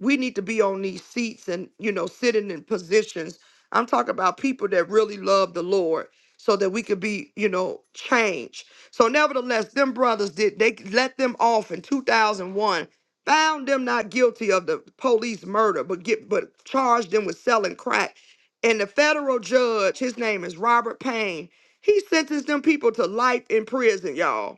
A: we need to be on these seats and you know sitting in positions i'm talking about people that really love the lord so that we could be you know changed so nevertheless them brothers did they let them off in 2001 found them not guilty of the police murder but get but charged them with selling crack and the federal judge his name is robert payne he sentenced them people to life in prison y'all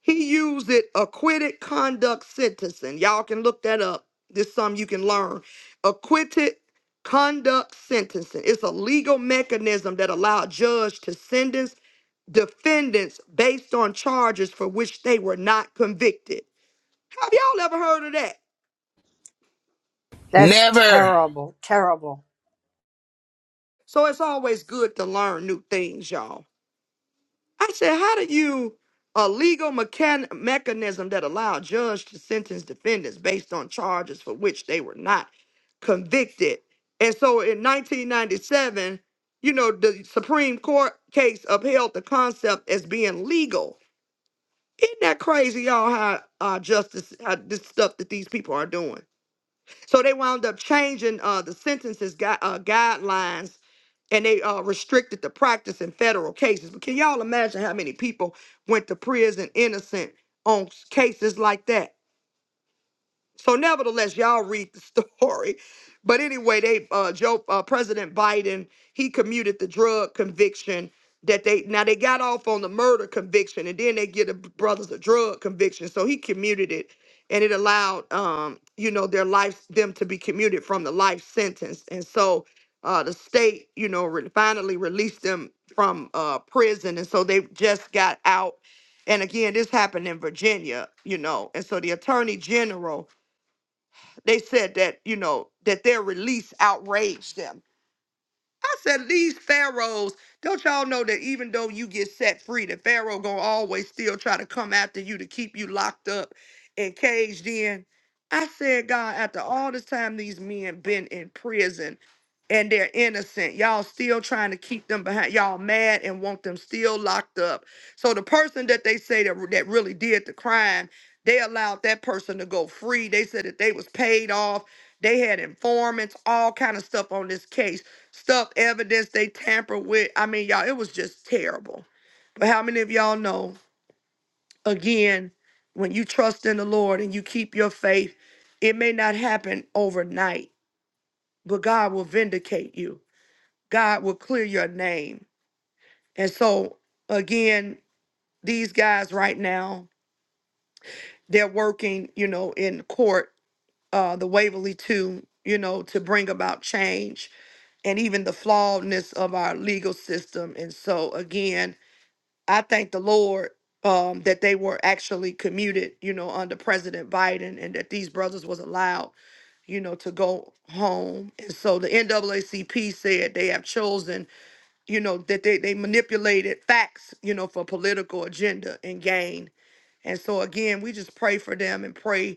A: he used it acquitted conduct sentencing. Y'all can look that up. This is something you can learn. Acquitted conduct sentencing. It's a legal mechanism that allows a judge to sentence defendants based on charges for which they were not convicted. Have y'all ever heard of that?
I: That's
H: Never.
I: terrible, terrible.
A: So it's always good to learn new things, y'all. I said, how do you a legal mechan- mechanism that allow a judge to sentence defendants based on charges for which they were not convicted? And so in 1997, you know, the Supreme Court case upheld the concept as being legal. Isn't that crazy, y'all? How uh, justice, how this stuff that these people are doing? So they wound up changing uh, the sentences gui- uh, guidelines and they uh, restricted the practice in federal cases. But can y'all imagine how many people went to prison innocent on s- cases like that? So, nevertheless, y'all read the story. But anyway, they uh, Joe uh, President Biden he commuted the drug conviction that they now they got off on the murder conviction, and then they get the brothers a drug conviction. So he commuted it, and it allowed um, you know their life them to be commuted from the life sentence. And so uh, the state you know re- finally released them from uh, prison, and so they just got out. And again, this happened in Virginia, you know, and so the attorney general they said that, you know, that their release outraged them I said, these pharaohs, don't y'all know that even though you get set free, the pharaoh gonna always still try to come after you to keep you locked up and caged in. I said, God, after all this time these men been in prison and they're innocent, y'all still trying to keep them behind. Y'all mad and want them still locked up. So the person that they say that, that really did the crime, they allowed that person to go free. They said that they was paid off. They had informants, all kind of stuff on this case stuff evidence they tamper with. I mean, y'all, it was just terrible. But how many of y'all know, again, when you trust in the Lord and you keep your faith, it may not happen overnight, but God will vindicate you. God will clear your name. And so, again, these guys right now, they're working, you know, in court, uh, the Waverly 2, you know, to bring about change and even the flawedness of our legal system. And so, again, I thank the Lord um, that they were actually commuted, you know, under President Biden, and that these brothers was allowed, you know, to go home. And so the NAACP said they have chosen, you know, that they they manipulated facts, you know, for political agenda and gain. And so again, we just pray for them and pray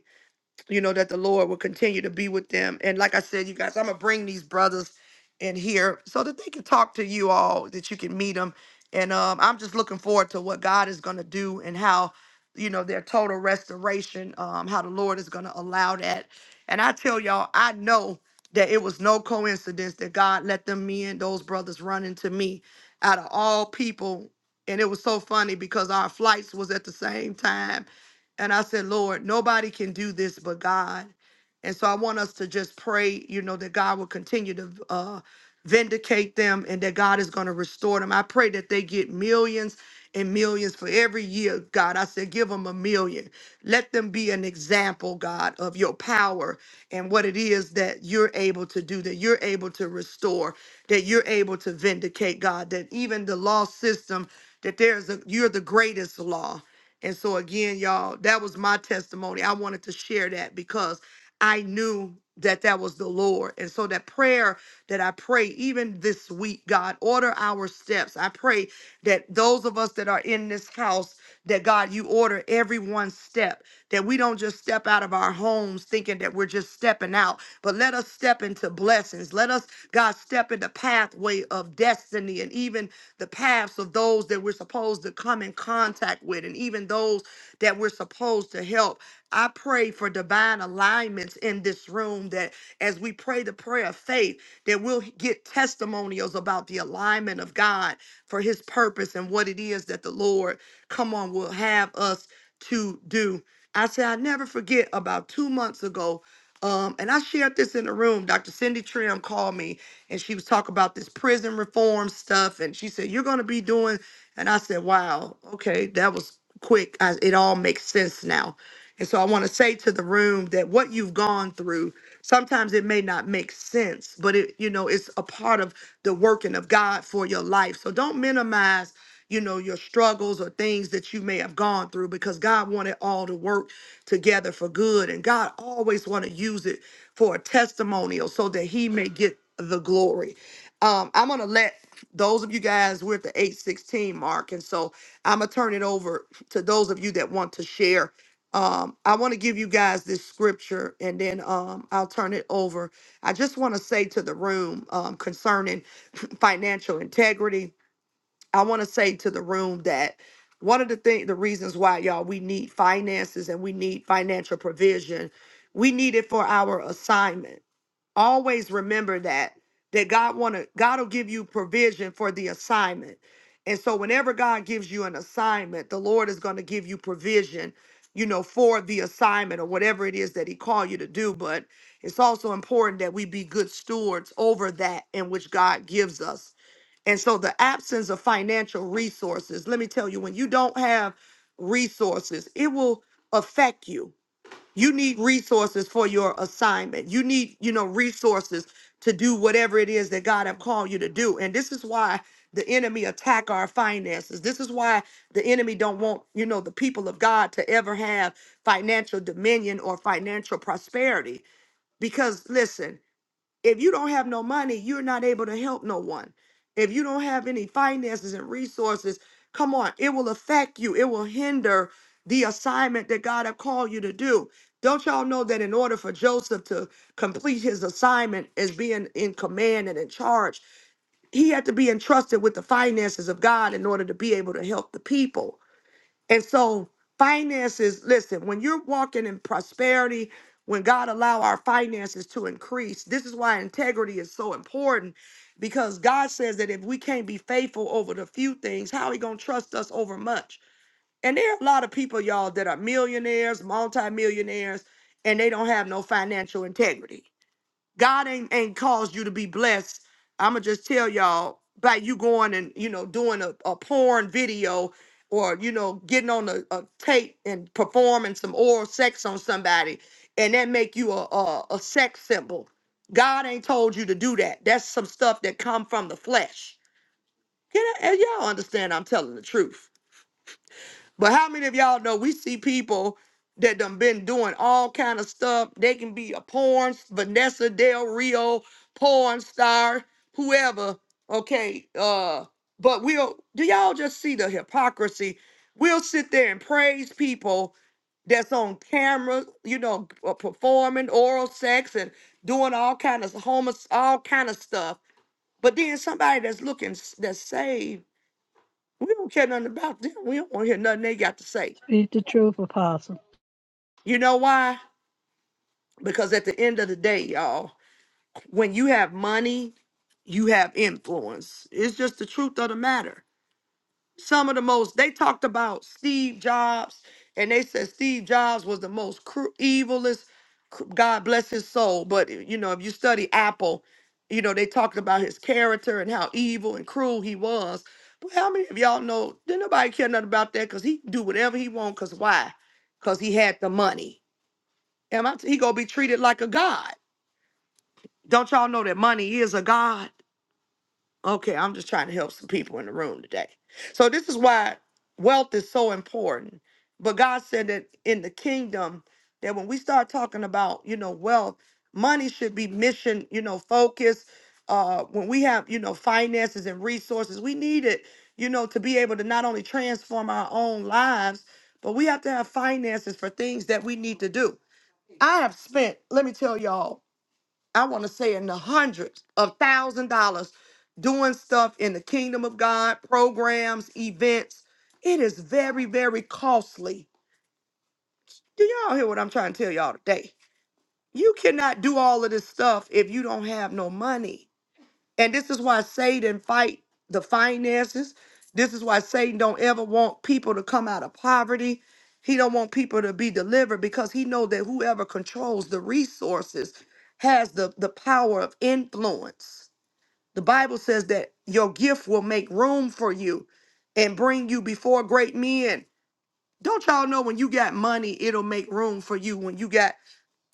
A: you know, that the Lord will continue to be with them. And like I said, you guys, I'm gonna bring these brothers in here so that they can talk to you all, that you can meet them. And um, I'm just looking forward to what God is gonna do and how, you know, their total restoration, um, how the Lord is gonna allow that. And I tell y'all, I know that it was no coincidence that God let them men, those brothers run into me out of all people. And it was so funny because our flights was at the same time and I said, Lord, nobody can do this but God. And so I want us to just pray, you know, that God will continue to uh, vindicate them and that God is going to restore them. I pray that they get millions and millions for every year, God. I said, give them a million. Let them be an example, God, of your power and what it is that you're able to do, that you're able to restore, that you're able to vindicate, God, that even the law system, that there's a, you're the greatest law and so again, y'all, that was my testimony. I wanted to share that because I knew that that was the Lord. And so that prayer that I pray even this week, God, order our steps. I pray that those of us that are in this house, that God, you order every one step, that we don't just step out of our homes thinking that we're just stepping out, but let us step into blessings. Let us, God, step in the pathway of destiny and even the paths of those that we're supposed to come in contact with and even those that we're supposed to help. I pray for divine alignments in this room that as we pray the prayer of faith, that we'll get testimonials about the alignment of God for his purpose and what it is that the Lord, come on, will have us to do. I say, I never forget about two months ago. Um, and I shared this in the room. Dr. Cindy Trim called me and she was talking about this prison reform stuff. And she said, You're going to be doing. And I said, Wow, okay, that was quick. I, it all makes sense now. And so I want to say to the room that what you've gone through, sometimes it may not make sense, but it, you know, it's a part of the working of God for your life. So don't minimize, you know, your struggles or things that you may have gone through because God wanted all to work together for good. And God always want to use it for a testimonial so that he may get the glory. Um, I'm gonna let those of you guys, we're at the 816 mark. And so I'm gonna turn it over to those of you that want to share um i want to give you guys this scripture and then um i'll turn it over i just want to say to the room um concerning financial integrity i want to say to the room that one of the thing the reasons why y'all we need finances and we need financial provision we need it for our assignment always remember that that god want to god will give you provision for the assignment and so whenever god gives you an assignment the lord is going to give you provision you know for the assignment or whatever it is that he called you to do but it's also important that we be good stewards over that in which god gives us and so the absence of financial resources let me tell you when you don't have resources it will affect you you need resources for your assignment you need you know resources to do whatever it is that god have called you to do and this is why the enemy attack our finances this is why the enemy don't want you know the people of god to ever have financial dominion or financial prosperity because listen if you don't have no money, you're not able to help no one. If you don't have any finances and resources, come on, it will affect you. It will hinder the assignment that God have called you to do. Don't y'all know that in order for Joseph to complete his assignment as being in command and in charge, he had to be entrusted with the finances of God in order to be able to help the people. And so finances, listen, when you're walking in prosperity, when God allow our finances to increase, this is why integrity is so important because God says that if we can't be faithful over the few things, how he going to trust us over much? And there are a lot of people y'all that are millionaires, multimillionaires, and they don't have no financial integrity. God ain't ain't caused you to be blessed. I'ma just tell y'all by you going and you know doing a, a porn video or you know getting on a, a tape and performing some oral sex on somebody and that make you a, a a sex symbol. God ain't told you to do that. That's some stuff that come from the flesh. Can I, and y'all understand I'm telling the truth? But how many of y'all know we see people that done been doing all kind of stuff? They can be a porn, Vanessa Del Rio, porn star, whoever. Okay, uh, but we'll do y'all just see the hypocrisy? We'll sit there and praise people that's on camera, you know, uh, performing oral sex and doing all kind of homo, all kind of stuff. But then somebody that's looking s- that's saved, we don't care nothing about them. We don't want to hear nothing they got to say.
E: Speak the truth, Apostle.
A: You know why? Because at the end of the day, y'all, when you have money, you have influence. It's just the truth of the matter. Some of the most, they talked about Steve Jobs, and they said Steve Jobs was the most cru- evilest, cr- God bless his soul. But, eh, you know, if you study Apple, you know, they talked about his character and how evil and cruel he was. But how many of y'all know, didn't nobody care nothing about that because he do whatever he want because why? Because he had the money. Am I? He gonna be treated like a god. Don't y'all know that money is a god? Okay, I'm just trying to help some people in the room today. So this is why wealth is so important. But God said that in the kingdom, that when we start talking about you know wealth, money should be mission you know focused. Uh, when we have you know finances and resources, we need it you know to be able to not only transform our own lives, but we have to have finances for things that we need to do. I have spent, let me tell y'all. I want to say in the hundreds of thousand dollars doing stuff in the kingdom of God, programs, events. It is very, very costly. Do y'all hear what I'm trying to tell y'all today? You cannot do all of this stuff if you don't have no money. And this is why Satan fight the finances. This is why Satan don't ever want people to come out of poverty. He don't want people to be delivered because he know that whoever controls the resources has the, the power of influence. The Bible says that your gift will make room for you and bring you before great men. Don't y'all know when you got money, it'll make room for you. When you got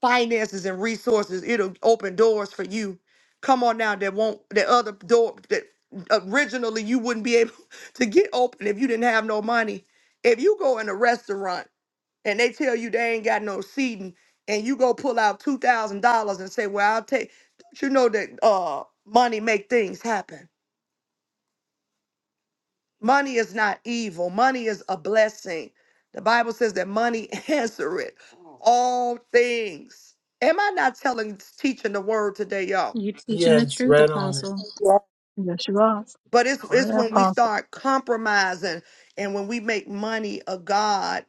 A: finances and resources, it'll open doors for you. Come on now, that won't that other door that originally you wouldn't be able to get open if you didn't have no money. If you go in a restaurant and they tell you they ain't got no seating, and you go pull out two thousand dollars and say, "Well, I'll take," don't you know that uh, money make things happen. Money is not evil. Money is a blessing. The Bible says that money answereth all things. Am I not telling, teaching the word today, y'all?
C: You teaching the
B: Yes.
C: truth,
B: Right on it.
C: Apostle.
I: Yeah.
E: Yes, you are.
A: But it's
E: Go
A: it's
E: ahead,
A: when we
E: Apostle.
A: start compromising and when we make money a god,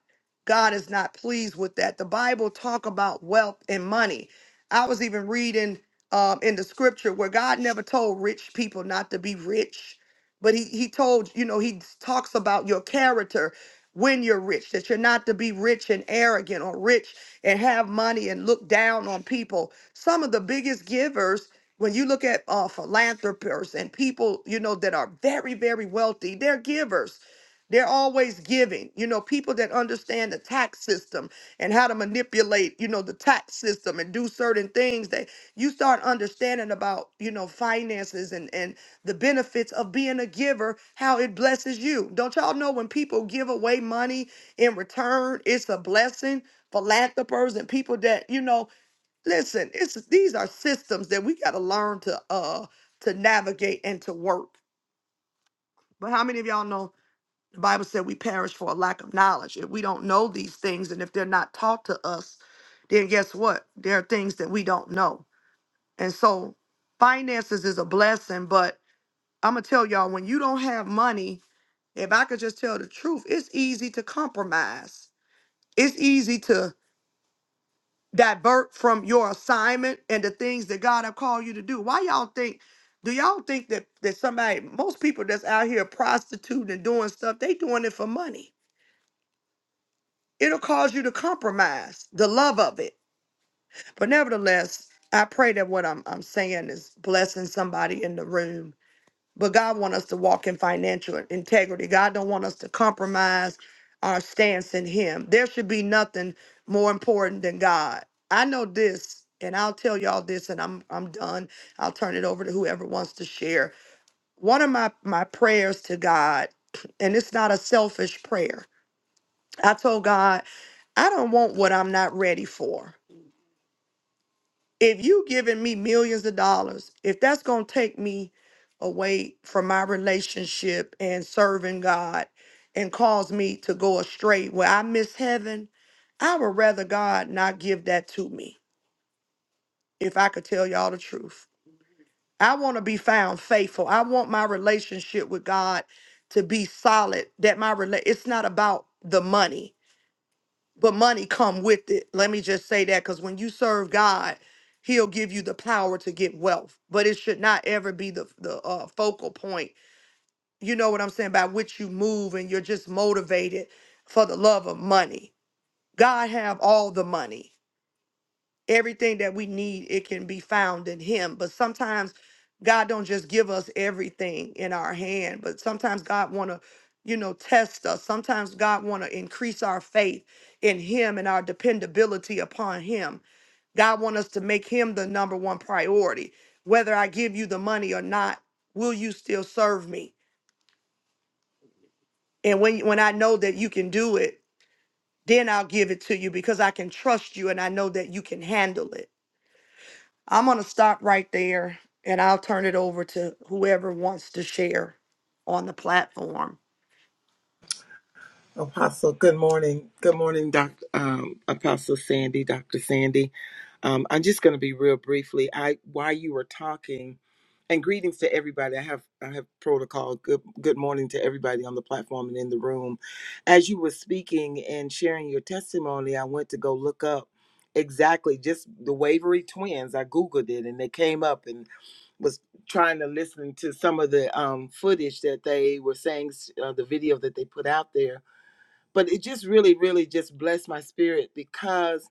A: God is not pleased with that. The Bible talk about wealth and money. I was even reading um, in the scripture where God never told rich people not to be rich, but he he told you know he talks about your character when you're rich that you're not to be rich and arrogant or rich and have money and look down on people. Some of the biggest givers when you look at uh, philanthropists and people you know that are very very wealthy they're givers they're always giving you know people that understand the tax system and how to manipulate you know the tax system and do certain things that you start understanding about you know finances and and the benefits of being a giver how it blesses you don't y'all know when people give away money in return it's a blessing philanthropers and people that you know Listen, it's these are systems that we got to learn to uh to navigate and to work. But how many of y'all know the Bible said we perish for a lack of knowledge? If we don't know these things and if they're not taught to us, then guess what? There are things that we don't know. And so finances is a blessing, but I'm gonna tell y'all when you don't have money, if I could just tell the truth, it's easy to compromise. It's easy to divert from your assignment and the things that God have called you to do. Why y'all think? Do y'all think that that somebody, most people that's out here prostituting and doing stuff, they doing it for money? It'll cause you to compromise the love of it. But nevertheless, I pray that what I'm I'm saying is blessing somebody in the room but God want us to walk in financial integrity. God don't want us to compromise our stance in him. There should be nothing more important than God. I know this and I'll tell y'all this and I'm I'm done. I'll turn it over to whoever wants to share. One of my my prayers to God and it's not a selfish prayer. I told God, I don't want what I'm not ready for if you giving me millions of dollars, if that's going to take me away from my relationship and serving God and cause me to go astray where I miss heaven, I would rather God not give that to me if I could tell y'all the truth. I want to be found faithful. I want my relationship with God to be solid that my rela- it's not about the money but money come with it. Let me just say that because when you serve God, He'll give you the power to get wealth, but it should not ever be the the uh, focal point. You know what I'm saying? By which you move and you're just motivated for the love of money. God have all the money everything that we need it can be found in him but sometimes god don't just give us everything in our hand but sometimes god want to you know test us sometimes god want to increase our faith in him and our dependability upon him god want us to make him the number one priority whether i give you the money or not will you still serve me and when when i know that you can do it then i'll give it to you because i can trust you and i know that you can handle it I'm going to stop right there and I'll turn it over to whoever wants to share on the platform.
B: Apostle, good morning. Good morning, Doc, um, Apostle Sandy, Dr. Sandy. Um, I'm just going to be real briefly. I while you were talking, and greetings to everybody. I have I have protocol. Good good morning to everybody on the platform and in the room. As you were speaking and sharing your testimony, I went to go look up exactly just the Wavery twins. I googled it and they came up and was trying to listen to some of the um, footage that they were saying, uh, the video that they put out there but it just really really just blessed my spirit because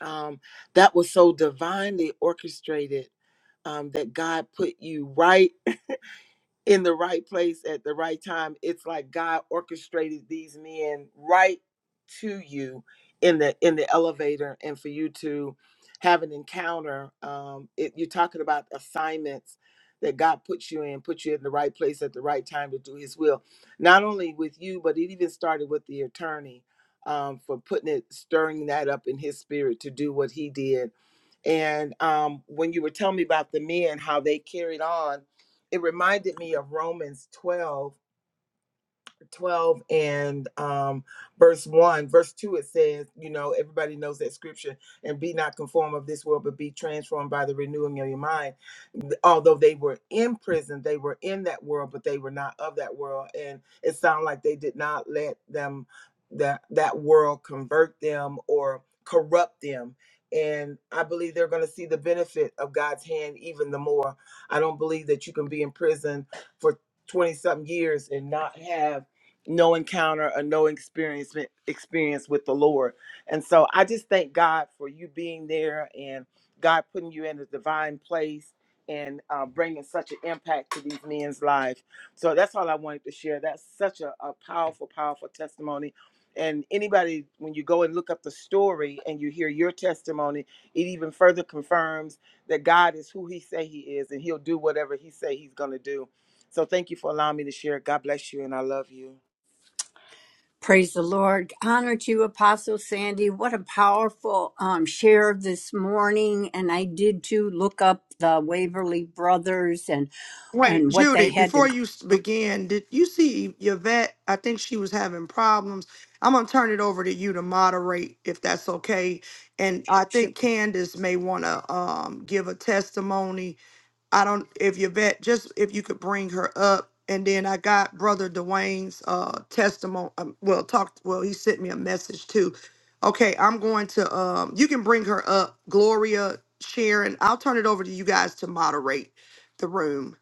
B: um that was so divinely orchestrated um that god put you right in the right place at the right time. It's like God orchestrated these men right to you in the in the elevator, and for you to have an encounter. Um, it, you're talking about assignments that God puts you in, puts you in the right place at the right time to do His will. Not only with you, but it even started with the attorney um, for putting it, stirring that up in his spirit to do what he did. And um, when you were telling me about the men, how they carried on it reminded me of Romans 12 12 and um, verse 1. Verse 2, it says, you know, everybody knows that scripture, and be not conformed of this world, but be transformed by the renewing of your mind. Although they were in prison, they were in that world, but they were not of that world. And it sounded like they did not let them, that, that world convert them or corrupt them. And I believe they're going to see the benefit of God's hand even the more. I don't believe that you can be in prison for 20 something years and not have no encounter or no experience experience with the Lord. And so I just thank God for you being there and God putting you in a divine place and uh, bringing such an impact to these men's lives. So that's all I wanted to share. That's such a, a powerful, powerful testimony. And anybody, when you go and look up the story and you hear your testimony, it even further confirms that God is who He say He is, and He'll do whatever He say He's going to do. So thank you for allowing me to share. God bless you, and I love you.
I: Praise the Lord. Honor to you, Apostle Sandy. What a powerful um, share this morning. And I did too look up the Waverly Brothers and,
A: Wait,
I: and what they
A: Judy,
I: had to
A: before
I: go
A: you s-
I: through.
A: begin, did you see Yvette? I think she was having problems. I'm going to turn it over to you to moderate if that's okay. And I
I: Sure.
A: think Candace may want to um, give a testimony I don't if Yvette just if you could bring her up and then I got brother Dwayne's uh testimony um, well talked well he sent me a message too. Okay, I'm going to um you can bring her up Gloria Sharon. I'll turn it over to you guys to moderate the room.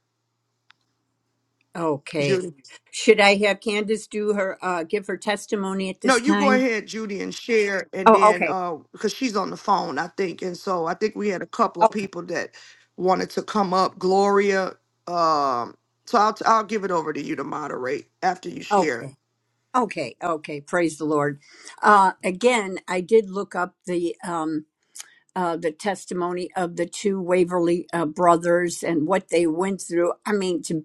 I: Okay.
A: Judy.
I: Should I have Candace do her, uh, give her testimony at
A: No,
I: this
A: you go
I: time?
A: ahead, Judy, and share, and
I: Oh,
A: then
I: okay.
A: uh, because she's on the phone, I think, and so I think we had a couple of
I: Okay.
A: people that wanted to come up. Gloria, um, so I'll I'll give it over to you to moderate after you share.
I: Okay. Okay. Okay. Praise the Lord. Uh, again, I did look up the, um, uh, the testimony of the two Waverly uh, brothers and what they went through. I mean, to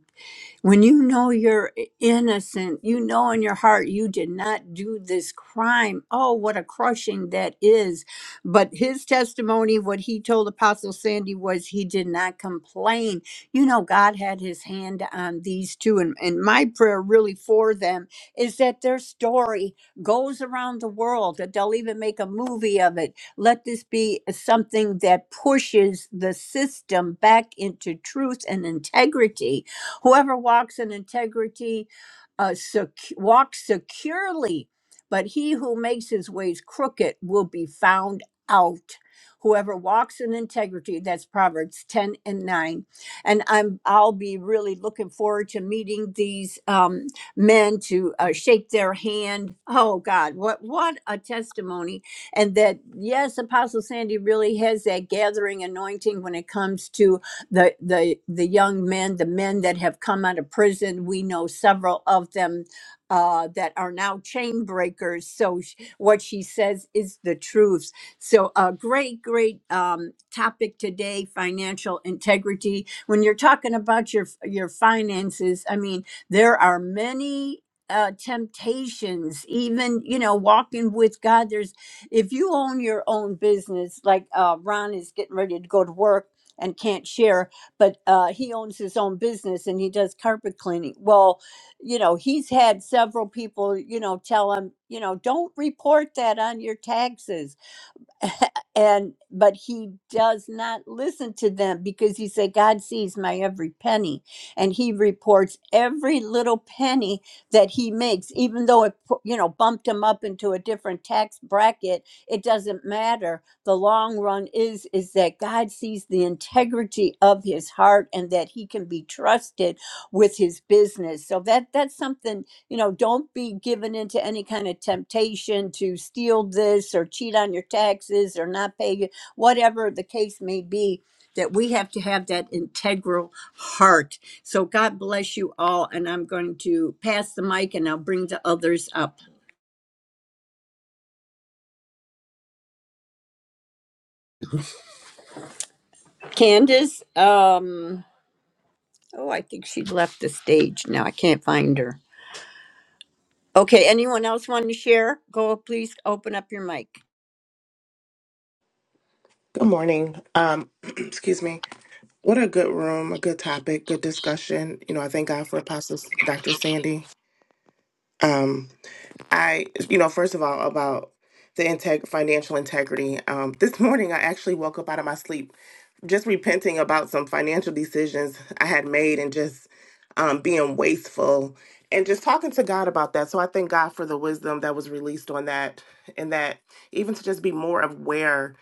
I: when you know you're innocent, you know in your heart you did not do this crime. Oh, what a crushing that is. But his testimony, what he told Apostle Sandy was he did not complain. You know, God had his hand on these two. And, and my prayer really for them is that their story goes around the world, that they'll even make a movie of it. Let this be something that pushes the system back into truth and integrity Whoever walks in integrity uh, sec- walks securely, but he who makes his ways crooked will be found out. Whoever walks in integrity, that's Proverbs 10 and 9. And I'm I'll be really looking forward to meeting these um, men to uh, shake their hand. Oh God, what what a testimony. And that yes, Apostle Sandy really has that gathering anointing when it comes to the the the young men, the men that have come out of prison. We know several of them uh, that are now chain breakers. So sh- what she says is the truth. So a great, great um, topic today: financial integrity. When you're talking about your your finances, I mean there are many. Uh, temptations even you know walking with god there's if you own your own business like uh, ron is getting ready to go to work and can't share but uh, he owns his own business and he does carpet cleaning well you know he's had several people you know tell him you know don't report that on your taxes and but he does not listen to them because he said god sees my every penny and he reports every little penny that he makes even though it pu- you know bumped him up into a different tax bracket it doesn't matter the long run is is that god sees the integrity of his heart and that he can be trusted with his business so that that's something you know, don't be given into any kind of temptation to steal this or cheat on your taxes or not pay you, whatever the case may be, that we have to have that integral heart. So God bless you all. And I'm going to pass the mic and I'll bring the others up. Candace, um, oh, I think she left the stage now. I can't find her. Okay, anyone else want to share? Go please open up your mic.
F: Good morning. Um, excuse me. What a good room, a good topic, good discussion. You know, I thank God for Apostle Dr. Sandy. Um. I, you know, first of all, about the integ- financial integrity. Um, this morning, I actually woke up out of my sleep just repenting about some financial decisions I had made and just um, being wasteful and just talking to God about that. So I thank God for the wisdom that was released on that and that even to just be more aware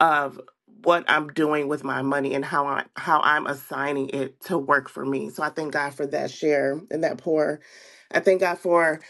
F: of what I'm doing with my money and how I how I'm assigning it to work for me. So I thank God for that share and that pour. I thank God for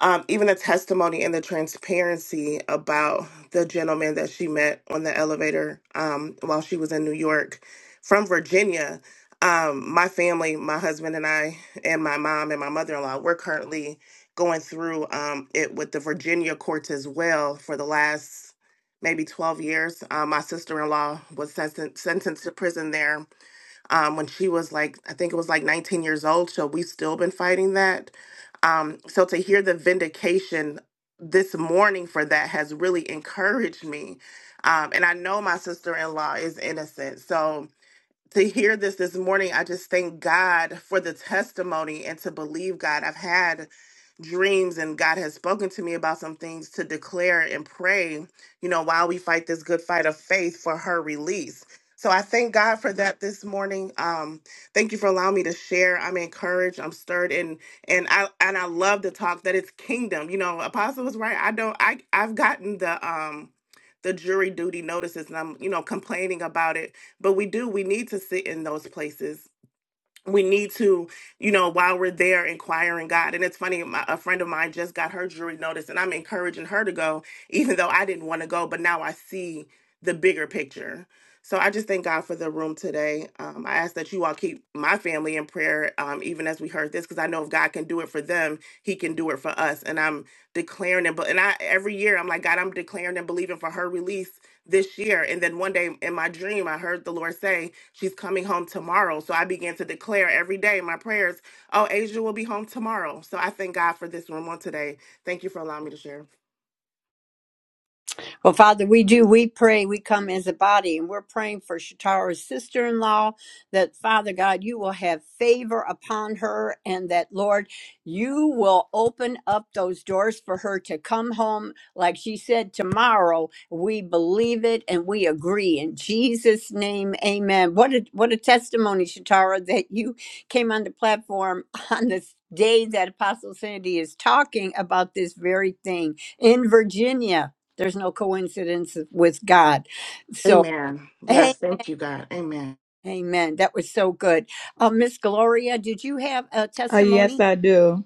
F: um, even the testimony and the transparency about the gentleman that she met on the elevator um, while she was in New York from Virginia. Um, my family, my husband and I, and my mom and my mother in law, we're currently going through um, it with the Virginia courts as well for the last maybe 12 years. Um, my sister in law was sen- sentenced to prison there um, when she was like, I think it was like 19 years old. So we've still been fighting that. Um, so to hear the vindication this morning for that has really encouraged me. Um, and I know my sister in law is innocent. So, to hear this this morning, I just thank God for the testimony and to believe God. I've had dreams and God has spoken to me about some things to declare and pray, you know, while we fight this good fight of faith for her release. So I thank God for that this morning. Um, thank you for allowing me to share. I'm encouraged. I'm stirred, and and I and I love to talk that it's kingdom. You know, Apostle was right. I don't. I I've gotten the um the jury duty notices, and I'm you know complaining about it but we do we need to sit in those places we need to you know while we're there inquiring god and it's funny my, a friend of mine just got her jury notice and i'm encouraging her to go even though i didn't want to go but now i see the bigger picture so i just thank god for the room today um, i ask that you all keep my family in prayer um, even as we heard this because i know if god can do it for them he can do it for us and i'm declaring and but and i every year i'm like god i'm declaring and believing for her release this year. And then one day in my dream, I heard the Lord say, She's coming home tomorrow. So I began to declare every day in my prayers, Oh, Asia will be home tomorrow. So I thank God for this room on today. Thank you for allowing me to share.
I: Well, Father, we do. We pray. We come as a body, and we're praying for Shatara's sister in law that, Father God, you will have favor upon her, and that, Lord, you will open up those doors for her to come home. Like she said, tomorrow, we believe it and we agree. In Jesus' name, amen. What a, what a testimony, Shatara, that you came on the platform on this day that Apostle Sandy is talking about this very thing in Virginia there's no coincidence with God. So,
F: Amen.
I: hey,
F: Yes, thank you, God. Amen.
I: amen. That was so good. Uh, Miss Gloria, did you have a
J: Oh, yes,
I: testimony?
J: I do.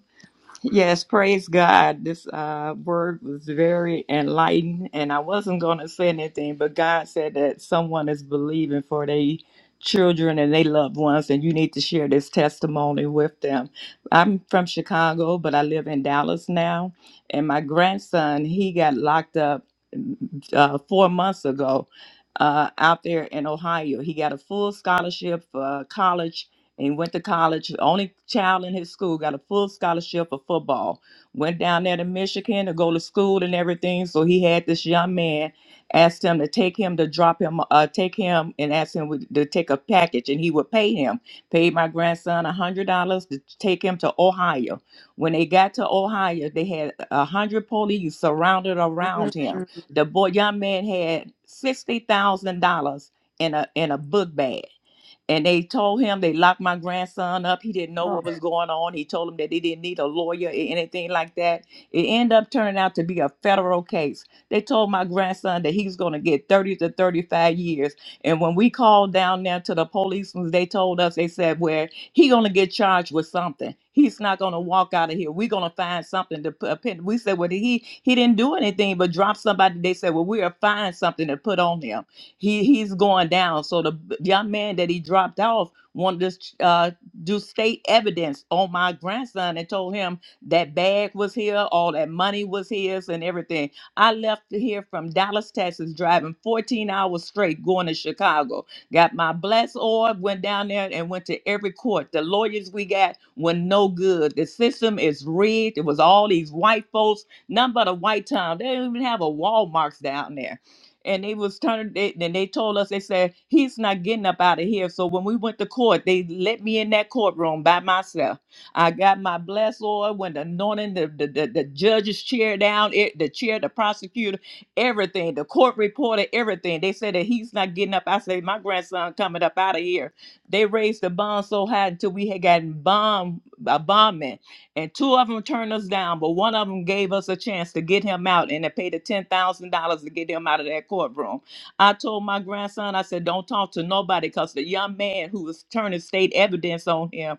J: Yes, praise God. This uh, word was very enlightened, and I wasn't going to say anything, but God said that someone is believing for their children and their loved ones, and you need to share this testimony with them. I'm from Chicago, but I live in Dallas now, and my grandson, he got locked up mm, uh, four months ago uh, out there in Ohio. He got a full scholarship for college and he went to college. Only child in his school got a full scholarship for football. Went down there to Michigan to go to school and everything. So he had this young man asked him to take him to drop him, uh, take him and ask him would- to take a package, and he would pay him. Paid my grandson a hundred dollars to take him to Ohio. When they got to Ohio, they had a hundred police surrounded
I: Mm,
J: around him. The boy, young man, had sixty thousand dollars in a in a book bag and they told him they locked my grandson up. He didn't know
I: oh.
J: what was going on. He told them that they didn't need a lawyer or anything like that. It ended up turning out to be a federal case. They told my grandson that he's going to get 30 to 35 years. And when we called down there to the policemen, they told us, they said, well, he going to get charged with something. He's not going to walk out of here. We're going to find something to put. pin- We said, well, he, he didn't do anything but drop somebody. They said, well, we'll find something to put on him. He he's going down. So the young man that he dropped off wanted to uh, do state evidence on my grandson and told him that bag was here, all that money was his, and everything. I left here from Dallas, Texas, driving 14 hours straight, going to Chicago. Got my blessed orb, went down there and went to every court. The lawyers we got were no good. The system is rigged. It was all these white folks, none but a white town. They don't even have a Walmart's down there and they was turning they, then they told us they said he's not getting up out of here so when we went to court they let me in that courtroom by myself i got my blessed oil when the anointing the, the, the, the judge's chair down it, the chair the prosecutor everything the court reporter everything they said that he's not getting up i said my grandson coming up out of here they raised the bond so high until we had gotten bomb a bondman and two of them turned us down, but one of them gave us a chance to get him out, and they paid the ten thousand dollars to get him out of that courtroom. I told my grandson, I said, "Don't talk to nobody," because the young man who was turning state evidence on him,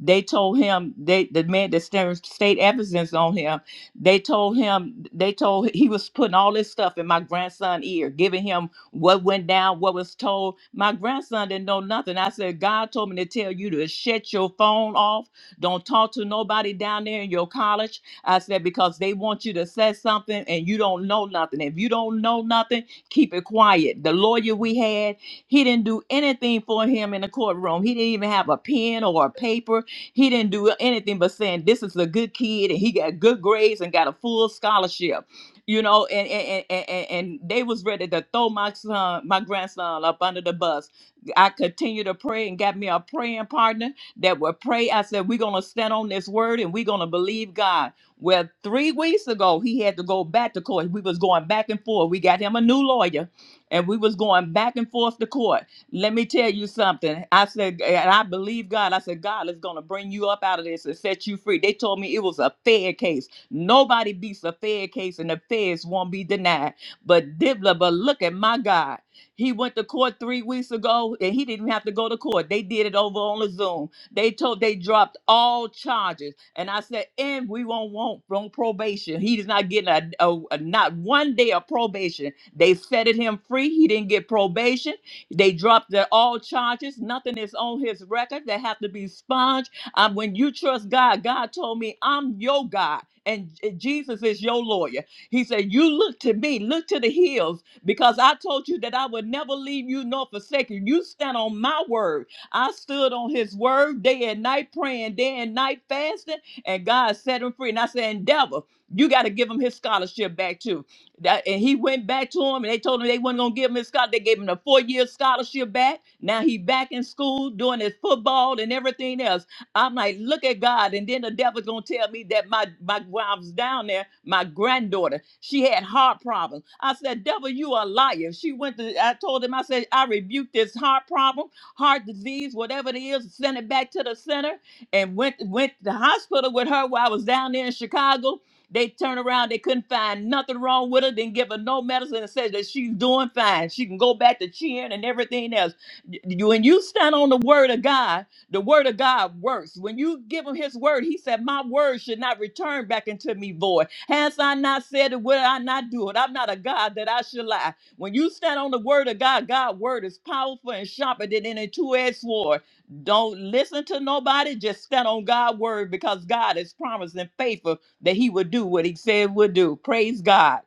J: they told him they the man that's turning state evidence on him, they told him they told he was putting all this stuff in my grandson's ear, giving him what went down, what was told. My grandson didn't know nothing. I said, God told me to tell you to shut your phone off don't talk to nobody down there in your college. I said, because they want you to say something and you don't know nothing. If you don't know nothing, keep it quiet. The lawyer we had, he didn't do anything for him in the courtroom. He didn't even have a pen or a paper. He didn't do anything but saying, this is a good kid and he got good grades and got a full scholarship you know, and and, and and and they was ready to throw my son, my grandson up under the bus. I continued to pray and got me a praying partner that would pray. I said, We're going to stand on this word and we're going to believe God. Well, three weeks ago, he had to go back to court. We was going back and forth. We got him a new lawyer and we was going back and forth to court. Let me tell you something. I said, and I believe God. I said, God is going to bring you up out of this and set you free. They told me it was a fair case. Nobody beats a fair case and the feds won't be denied. But Dibla, but look at my God. He went to court three weeks ago and he didn't have to go to court. They did it over on the Zoom. They told they dropped all charges, and I said, and we won't want from probation. He is not getting a, a- a- not one day of probation. They fetted him free. He didn't get probation. They dropped the all charges. Nothing is on his record. They have to be sponged. Um, when you trust God, God told me, I'm your God, and J- Jesus is your lawyer. He said, you look to me, look to the hills, because I told you that I would never leave you nor forsake you. You stand on my word. I stood on his word day and night, praying day and night, fasting, and God set him free. And I said, "And devil, you got to give him his scholarship back too. That, and he went back to him and they told him they wasn't going to give him his scholarship. They gave him a four year scholarship back. Now he back in school doing his football and everything else. I'm like, look at God. And then the devil's going to tell me that my, my, when I was down there, my granddaughter, she had heart problems. I said, devil, you a liar. She went to, I told him, I said, I rebuked this heart problem heart disease, whatever it is, sent it back to the center and went went to the hospital with her while I was down there in Chicago. They turned around, they couldn't find nothing wrong with her, didn't give her no medicine and said that she's doing fine. She can go back to cheering and everything else. Y- You, when you stand on the word of God, the word of God works. When you give him his word, he said, My word should not return back into me void. Has I not said it? Will I not do it? I'm not a God that I should lie. When you stand on the word of God, God's word is powerful and sharper than any two-edged sword. Don't listen to nobody. Just stand on God's word because God is promising faithful that He would do what He said would do. Praise God.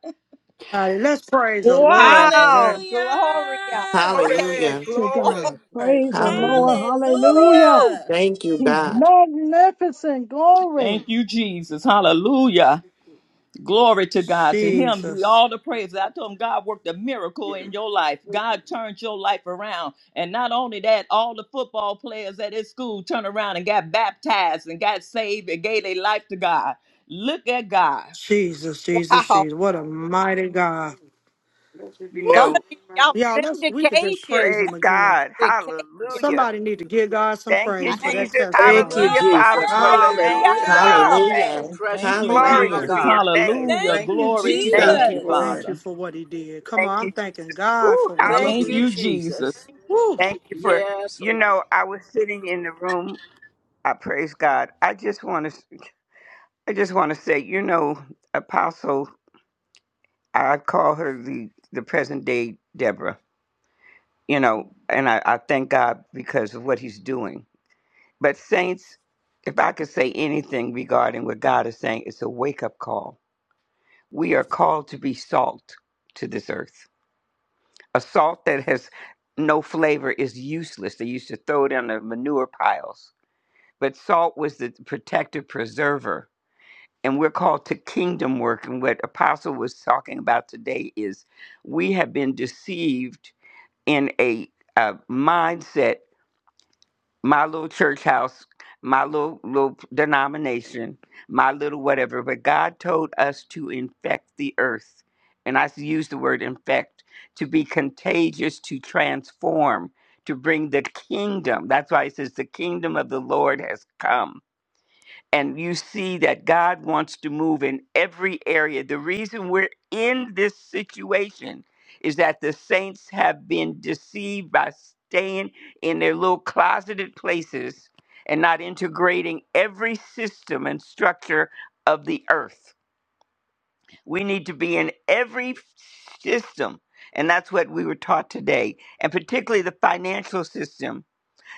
A: All right, let's praise the Lord for
I: Wow,
A: that.
C: Hallelujah!
I: Gloria. Praise
B: Glory,
F: Hallelujah.
E: To
B: glory.
E: God.
I: Lord.
E: Praise the Lord.
F: Hallelujah.
E: Hallelujah.
I: Woo!
C: Hallelujah!
F: Thank you,
E: He's
F: God.
E: magnificent.
J: Thank
E: Glory.
J: you, Jesus. Hallelujah. Glory to God. To Him be
A: Jesus,
J: all the praise. I told Him God worked a miracle in your life. God turned your life around. And not only that, all the football players at his school turned around and got baptized and got saved and gave their life to God. Look at God.
A: Jesus, Jesus,
I: Wow.
A: Jesus! What a mighty God!
K: You
A: Woo!
K: know,
I: Somebody shout
A: Y'all, let's we could just
I: vindication.
A: praise
K: praise
A: Him again.
K: God.
I: Vindication.
K: Hallelujah.
A: Somebody need to give God some
K: Thank you,
A: praise for
I: I,
A: that
K: Jesus.
L: Thank
C: Glory!
A: testimony.
L: you,
K: Hallelujah, Father,
L: Jesus.
K: for the
B: Hallelujah.
K: saints of
L: Hallelujah.
K: praying
I: hallelujah.
K: saints.
F: Hallelujah.
J: Thank
L: Precious
J: you,
K: Glory
L: Lamb
B: My
L: of
K: to
J: Jesus.
K: be his
L: God.
B: God,
K: name.
B: today.
J: Hallelujah.
C: Thank
B: Thank
C: you,
B: you,
J: Glory to your
K: Thank
B: Jesus.
J: name,
K: you, Jesus.
C: Jesus.
A: Thank you
J: Father.
A: for what he did. Come
K: Thank
A: on, I'm
K: you,
A: thanking
K: Jesus.
A: God
K: Ooh,
A: for what he
K: hallelujah.
L: Thank
J: Thank
L: you,
A: did.
J: you, Jesus.
L: Jesus.
A: Woo!
K: Thank you for,
L: Yes,
K: you
L: Lord.
K: know, I was sitting in the room. I praise God. I just want to, I just want to say, you know, Apostle, I call her the, the present day Deborah, you know, and I, I thank God because of what he's doing But, saints, if I could say anything regarding what God is saying, it's a wake up call. We are called to be salt to this earth. A salt that has no flavor is useless. They used to throw it on the manure piles. But salt was the protective preserver. And we're called to kingdom work. And what Apostle was talking about today is we have been deceived in a, a mindset my little church house, my little little denomination, my little whatever. But God told us to infect the earth, and I use the word infect to be contagious, to transform, to bring the kingdom. That's why it says the kingdom of the Lord has come and you see that God wants to move in every area. The reason we're in this situation is that the saints have been deceived by staying in their little closeted places and not integrating every system and structure of the earth. We need to be in every system. And that's what we were taught today, and particularly the financial system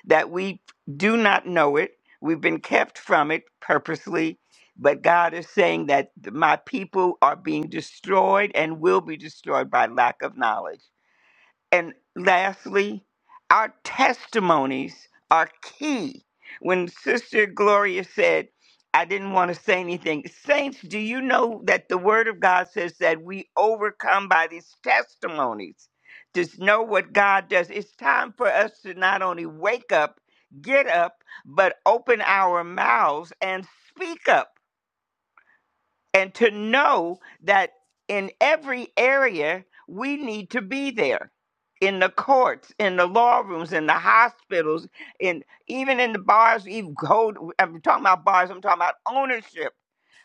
K: that we do not know it. We've been kept from it purposely, but God is saying that my people are being destroyed and will be destroyed by lack of knowledge. And lastly, our testimonies are key. When Sister Gloria said, I didn't want to say anything. Saints, do you know that the Word of God says that we overcome by these testimonies? To know what God does. It's time for us to not only wake up, get up, but open our mouths and speak up and to know that in every area we need to be there in the courts in the law rooms in the hospitals in even in the bars even gold i'm talking about bars i'm talking about ownership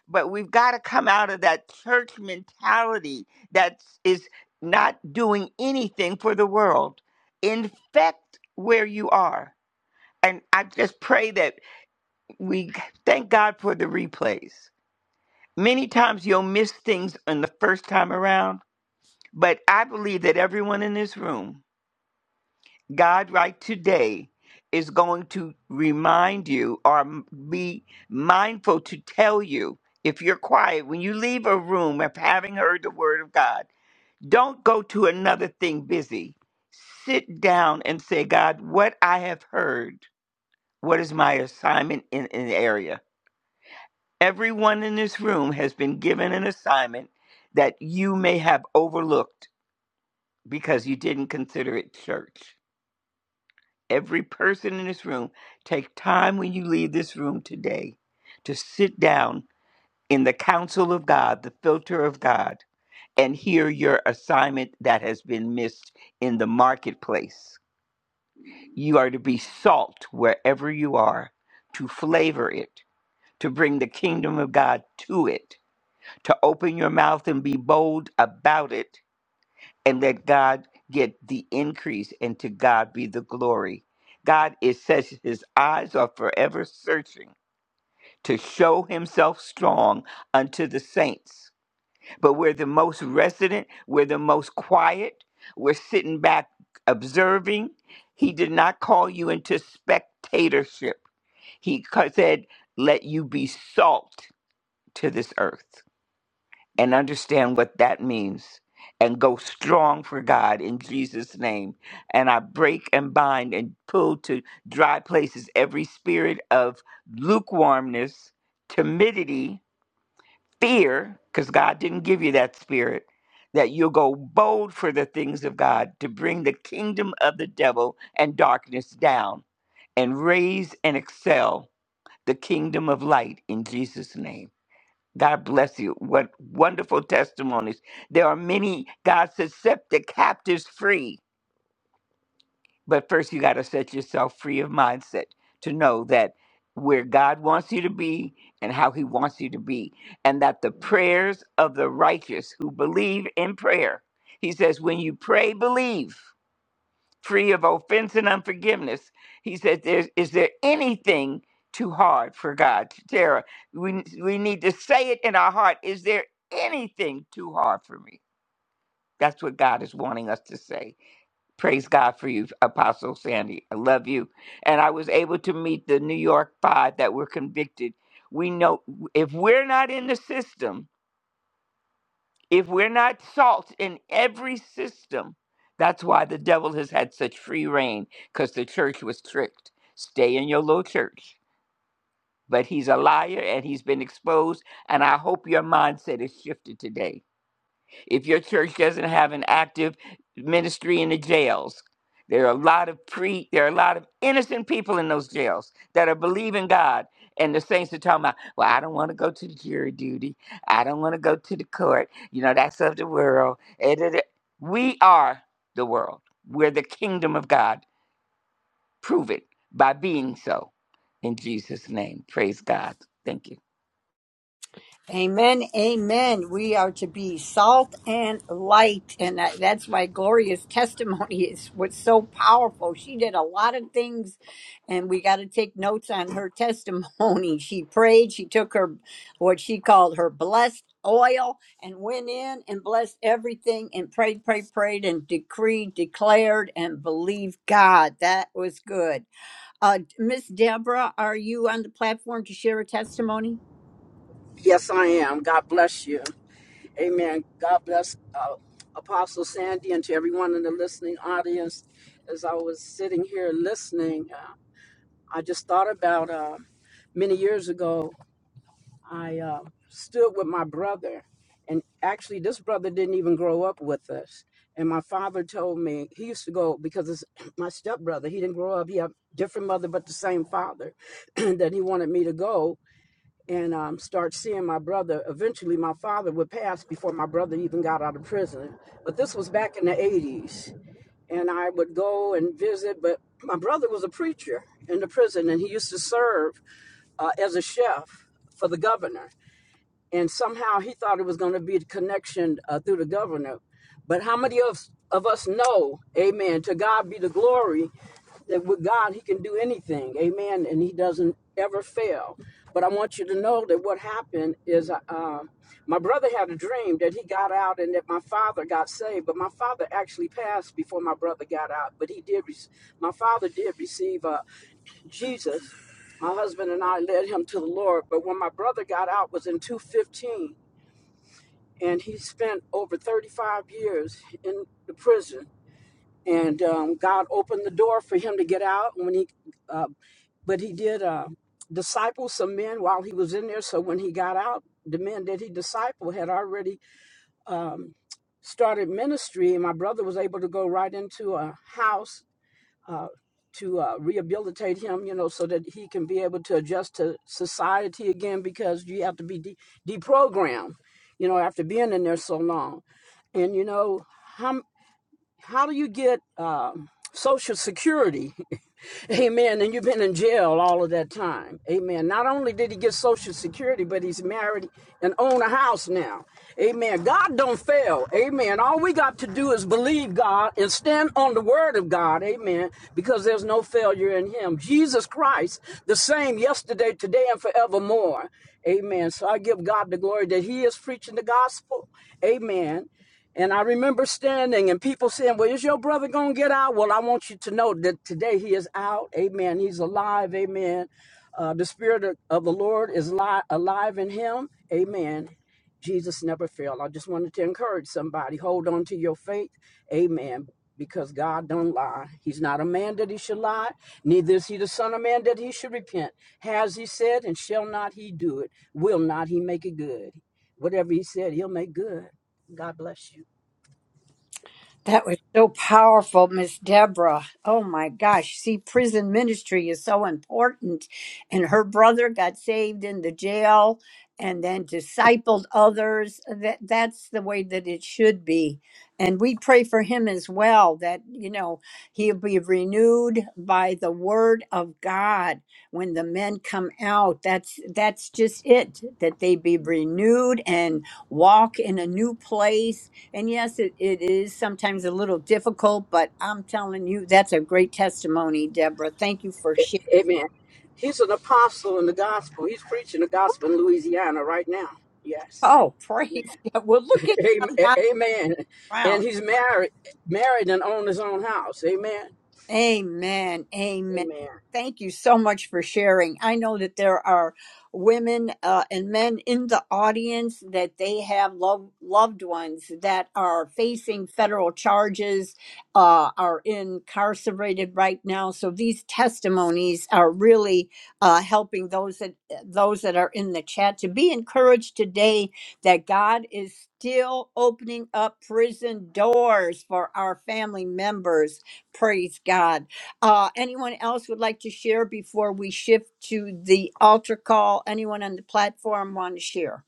K: but we've got to come out of that church mentality that is not doing anything for the world infect where you are and i just pray that we thank god for the replays Many times you'll miss things on the first time around, but I believe that everyone in this room, God right today, is going to remind you or m- be mindful to tell you if you're quiet when you leave a room of having heard the word of God, don't go to another thing busy. Sit down and say, God, what I have heard, what is my assignment in an area? Everyone in this room has been given an assignment that you may have overlooked because you didn't consider it church. Every person in this room, take time when you leave this room today to sit down in the counsel of God, the filter of God, and hear your assignment that has been missed in the marketplace. You are to be salt wherever you are, to flavor it, to bring the kingdom of God to it to open your mouth and be bold about it and let God get the increase and to God be the glory. God is says his eyes are forever searching to show himself strong unto the saints. But we're the most resident, we're the most quiet, we're sitting back observing. He did not call you into spectatorship. He said, Let you be salt to this earth. and understand what that means and go strong for God in Jesus' name. And I break and bind and pull to dry places every spirit of lukewarmness, timidity, fear, because God didn't give you that spirit, that you'll go bold for the things of God to bring the kingdom of the devil and darkness down and raise and excel the kingdom of light in Jesus' name. God bless you. What wonderful testimonies. There are many. God says, set the captives free. But first, you got to set yourself free of mindset to know that where God wants you to be and how he wants you to be, and that the prayers of the righteous who believe in prayer, he says, when you pray, believe free of offense and unforgiveness. He said, There's, Is there anything too hard for God? Tara, we, we need to say it in our heart. Is there anything too hard for me? That's what God is wanting us to say. Praise God for you, Apostle Sandy. I love you. And I was able to meet the New York five that were convicted. We know if we're not in the system, if we're not salt in every system, that's why the devil has had such free reign, because the church was tricked. Stay in your little church. But he's a liar and he's been exposed. And I hope your mindset is shifted today if your church doesn't have an active ministry in the jails there are a lot of pre there are a lot of innocent people in those jails that are believing god and the saints are talking about well i don't want to go to the jury duty i don't want to go to the court you know that's of the world Eh, da, da. we are the world we're the kingdom of god prove it by being so in jesus name praise god thank you
I: Amen, amen. We are to be salt and light, and that, that's why Gloria's testimony is what's so powerful. She did a lot of things, and we got to take notes on her testimony. She prayed. She took her what she called her blessed oil and went in and blessed everything and prayed, prayed, prayed, and decreed, declared, and believed God. That was good. Uh, Miss Deborah, are you on the platform to share a testimony?
L: Yes, I am. God bless you. Amen. God bless uh, Apostle Sandy and to everyone in the listening audience. As I was sitting here listening, uh, I just thought about uh, many years ago. I uh, stood with my brother, and actually, this brother didn't even grow up with us. And my father told me he used to go because it's my stepbrother. He didn't grow up. He had different mother, but the same father. that he wanted me to go and um, start seeing my brother. Eventually, my father would pass before my brother even got out of prison. But this was back in the '80s, and I would go and visit. But my brother was a preacher in the prison, and he used to serve uh, as a chef for the governor and somehow he thought it was going to be the connection uh, through the governor. But how many of, of us know, amen, to God be the glory, that with God he can do anything, amen, and he doesn't ever fail. But I want you to know that what happened is uh, uh, my brother had a dream that he got out and that my father got saved, but my father actually passed before my brother got out. But he did, rec- my father did receive. a. Jesus. My husband and I led him to the Lord, but when my brother got out was in 215 and he spent over 35 years in the prison and um, God opened the door for him to get out and when he uh, but he did uh, disciple some men while he was in there so when he got out the men that he discipled had already um, started ministry and my brother was able to go right into a house to uh, rehabilitate him, you know, so that he can be able to adjust to society again because you have to be de- deprogrammed, you know, after being in there so long. And, you know, how how do you get um, Social Security? Amen. And you've been in jail all of that time. Amen. Not only did he get Social Security, but he's married and own a house now. Amen. God don't fail. Amen. All we got to do is believe God and stand on the word of God. Amen. Because there's no failure in him. Jesus Christ, the same yesterday, today, and forevermore. Amen. So I give God the glory that he is preaching the gospel. Amen. And I remember standing and people saying, Well, is your brother going to get out? Well, I want you to know that today he is out. Amen. He's alive. Amen. Uh, the Spirit of, of the Lord is li- alive in him. Amen. Jesus never failed. I just wanted to encourage somebody hold on to your faith. Amen. Because God don't lie. He's not a man that he should lie, neither is he the son of man that he should repent. Has he said, and shall not he do it? Will not he make it good? Whatever he said, he'll make good. God bless you.
I: That was so powerful, Miss Deborah. Oh my gosh. See, prison ministry is so important. And her brother got saved in the jail and then discipled others. That that's the way that it should be. And we pray for him as well that, you know, he'll be renewed by the word of God when the men come out. That's that's just it, that they be renewed and walk in a new place and yes, it, it is sometimes a little difficult, but I'm telling you, that's a great testimony, Deborah. Thank you for sharing.
L: Amen. He's an apostle in the gospel. He's preaching the gospel in Louisiana right now. Yes.
I: Oh, praise God. Well, look at
L: Amen.
I: how
L: Amen.
I: God
L: And he's married, married and own his own house. Amen.
I: Amen. Amen.
L: Amen.
I: Thank you so much for sharing. I know that there are women uh, and men in the audience that they have lov- loved ones that are facing federal charges, uh, are incarcerated right now. So these testimonies are really uh, helping those that those that are in the chat to be encouraged today that God is still opening up prison doors for our family members Praise God. Uh, anyone else would like to share before we shift to the altar call? Anyone on the platform want to share?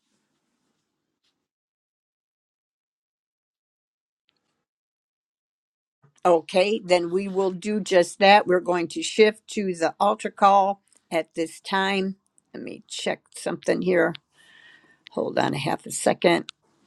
I: Okay, then we will do just that. We're going to shift to the altar call at this time. Let me check something here. Hold on a half a second.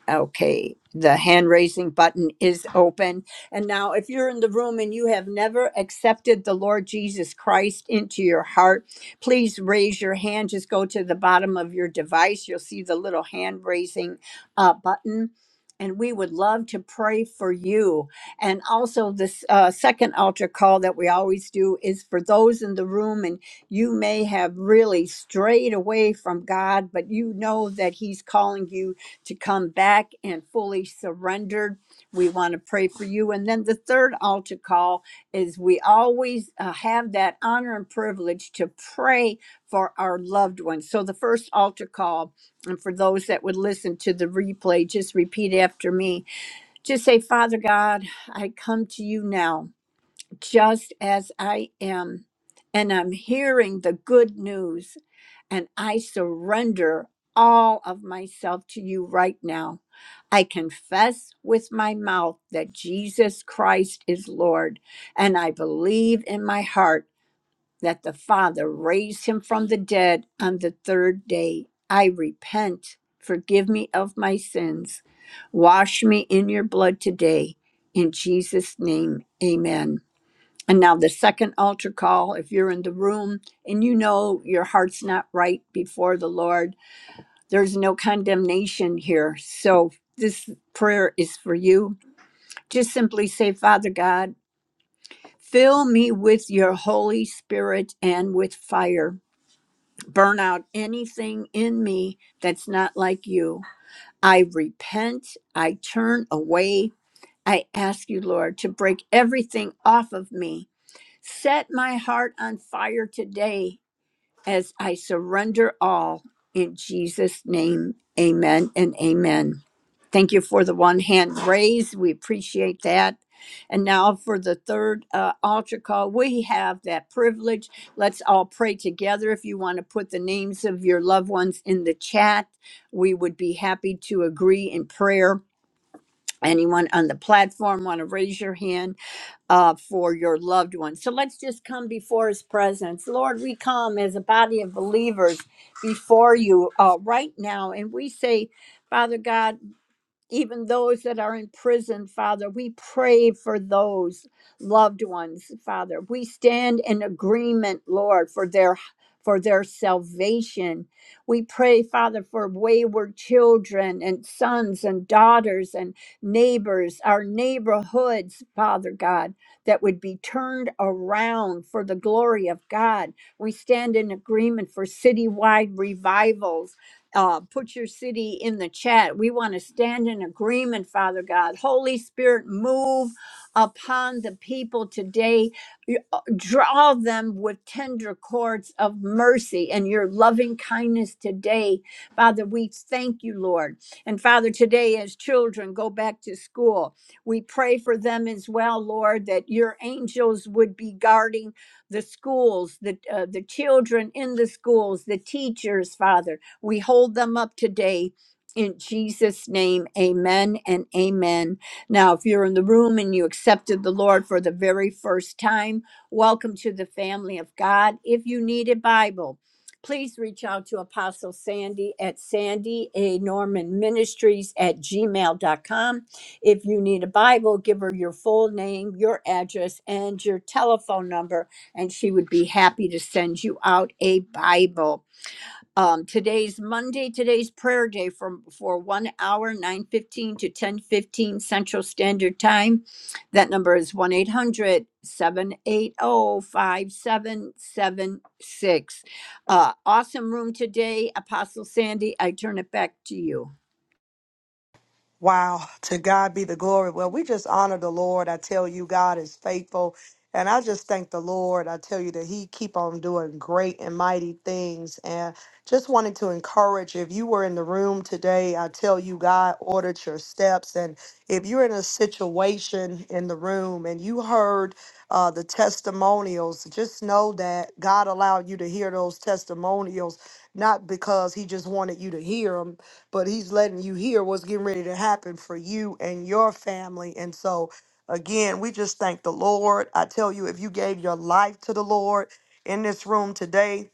I: Okay, the hand raising button is open. And now, if you're in the room and you have never accepted the Lord Jesus Christ into your heart, please raise your hand. Just go to the bottom of your device. You'll see the little hand raising uh, button. And we would love to pray for you. And also, this uh, second altar call that we always do is for those in the room. and you may have really strayed away from God, but you know that He's calling you to come back and fully surrendered. We want to pray for you. And then the third altar call is we always uh, have that honor and privilege to pray for our loved ones. So the first altar call, and for those that would listen to the replay, just repeat after me. Just say, Father God, I come to you now just as I am, and I'm hearing the good news, and I surrender all of myself to you right now. I confess with my mouth that Jesus Christ is Lord, and I believe in my heart that the Father raised him from the dead on the third day. I repent. Forgive me of my sins. Wash me in your blood today. In Jesus' name, amen. And now the second altar call, if you're in the room and you know your heart's not right before the Lord, there's no condemnation here. So this prayer is for you. Just simply say, Father God, fill me with your Holy Spirit and with fire. Burn out anything in me that's not like you. I repent. I turn away. I ask you, Lord, to break everything off of me Set my heart on fire today as I surrender all. In Jesus' name, amen and amen. Thank you for the one hand raise. We appreciate that. And now for the third uh, altar call, we have that privilege. Let's all pray together. If you want to put the names of your loved ones in the chat, we would be happy to agree in prayer. Anyone on the platform want to raise your hand? uh, for your loved ones. So let's just come before His presence. Lord, we come as a body of believers before you uh, right now, and we say, Father God, even those that are in prison, Father. We pray for those loved ones, Father. We stand in agreement, Lord, for their for their salvation. We pray, Father, for wayward children and sons and daughters and neighbors, our neighborhoods, Father God, that would be turned around for the glory of God. We stand in agreement for citywide revivals uh, put your city in the chat. We want to stand in agreement, Father God. Holy Spirit, move upon the people today. You- uh, Draw them with tender cords of mercy and your loving kindness today. Father, we thank you, Lord. And Father, today as children go back to school, we pray for them as well, Lord, that your angels would be guarding the schools, the, uh, the children in the schools, the teachers, Father. We hold them up today in Jesus' name. Amen and amen. Now, if you're in the room and you accepted the Lord for the very first time, welcome to the family of God. If you need a Bible, please reach out to Apostle Sandy at Sandy A. Norman Ministries at gmail dot com. If you need a Bible, give her your full name, your address, and your telephone number, and she would be happy to send you out a Bible um today's monday today's prayer day from for one hour 9.15 to 10.15 central standard time that number is one eight hundred seven eight zero five seven seven six. uh awesome room today apostle sandy i turn it back to you
A: Wow, to God be the glory. Well, we just honor the Lord. I tell you, God is faithful. And I just thank the Lord. I tell you that He keep on doing great and mighty things. And just wanted to encourage if you were in the room today, I tell you, God ordered your steps. And if you're in a situation in the room and you heard uh, the testimonials, just know that God allowed you to hear those testimonials, not because He just wanted you to hear them but he's letting you hear what's getting ready to happen for you and your family. And so, again, we just thank the Lord. I tell you, if you gave your life to the Lord in this room today,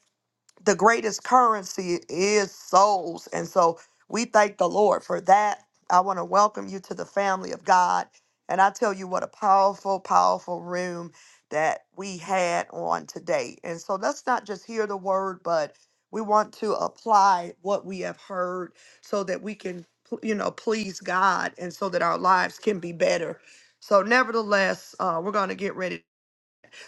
A: the greatest currency is souls. And so we thank the Lord for that. I want to welcome you to the family of God. And I tell you what a powerful, powerful room that we had on today. And so let's not just hear the word, but we want to apply what we have heard so that we can, you know, please God and so that our lives can be better. So, nevertheless, uh, we're going to get ready.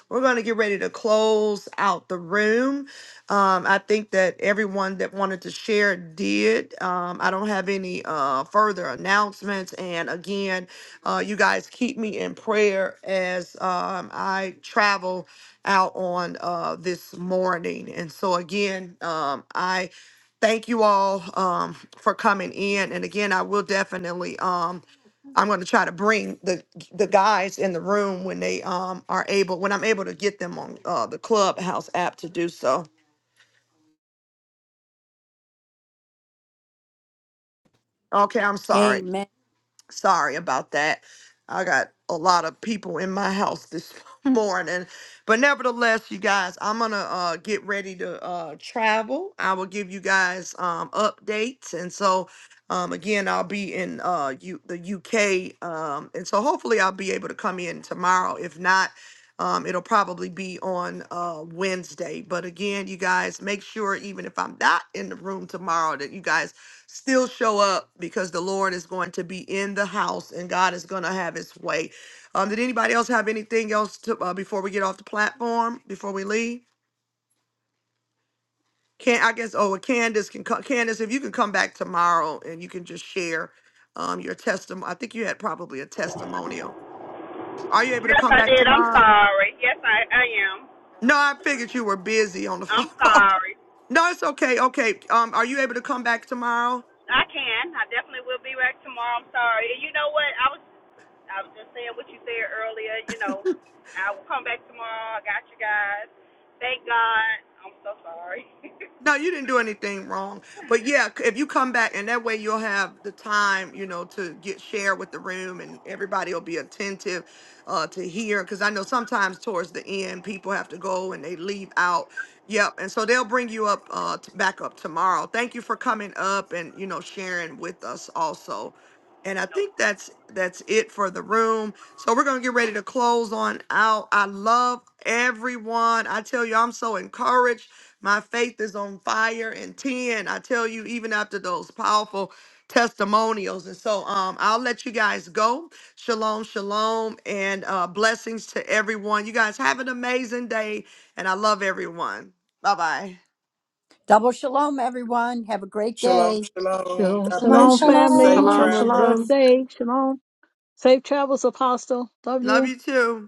A: We're going to get ready to close out the room. Um, I think that everyone that wanted to share did. Um, I don't have any uh, further announcements. And again, uh, you guys keep me in prayer as um, I travel out on uh, this morning. And so, again, um, I thank you all um, for coming in. And again, I will definitely. Um, I'm going to try to bring the the guys in the room when they um are able when I'm able to get them on uh, the Clubhouse app to do so. Okay, I'm sorry.
I: amen
A: Sorry about that. I got a lot of people in my house this morning. But nevertheless, you guys, I'm gonna uh get ready to uh travel. I will give you guys um updates and so um again I'll be in uh U- the UK um and so hopefully I'll be able to come in tomorrow. If not, um it'll probably be on uh Wednesday. But again, you guys make sure even if I'm not in the room tomorrow that you guys still show up because the Lord is going to be in the house and God is going to have his way. Um, did anybody else have anything else to, uh, before we get off the platform, before we leave? Can I guess, oh, well, Candace can co- Candace, if you can come back tomorrow and you can just share um, your testimony. I think you had probably a testimonial. Are you able to
M: Yes,
A: come
M: I
A: back
M: did. I'm
A: tomorrow?
M: sorry. Yes, I, I am.
A: No, I figured you were busy on the phone.
M: I'm sorry.
A: no, it's okay. Okay. Um, are you able to come back tomorrow?
M: I can. I definitely will be back tomorrow. I'm sorry. And you know what? I was I was just saying what you said earlier. You know, I will come back tomorrow. I got you guys. Thank God. I'm so sorry.
A: No, you didn't do anything wrong. But yeah, c- if you come back and that way you'll have the time, you know, to get share with the room and everybody will be attentive uh to hear cuz I know sometimes towards the end people have to go and they leave out. Yep. And so they'll bring you up uh t- back up tomorrow. Thank you for coming up and you know sharing with us also. And I
M: No.
A: think that's that's it for the room. So we're gonna get ready to close on out. I love everyone. I tell you, I'm so encouraged. My faith is on fire and 10. I tell you, even after those powerful testimonials. And so um I'll let you guys go. Shalom, shalom, and uh blessings to everyone. You guys have an amazing day, and I love everyone. Bye-bye.
I: Double shalom, everyone. Have a great
B: Shalom,
I: day.
B: shalom.
E: Shalom,
B: God
C: Shalom,
E: shalom,
B: bless you.
E: family.
B: Safe
C: shalom.
F: Shalom,
E: Have a blessed
F: shalom.
B: travels.
E: day. Shalom. Safe travels, Apostle. Love
A: Love
E: you.
A: you too.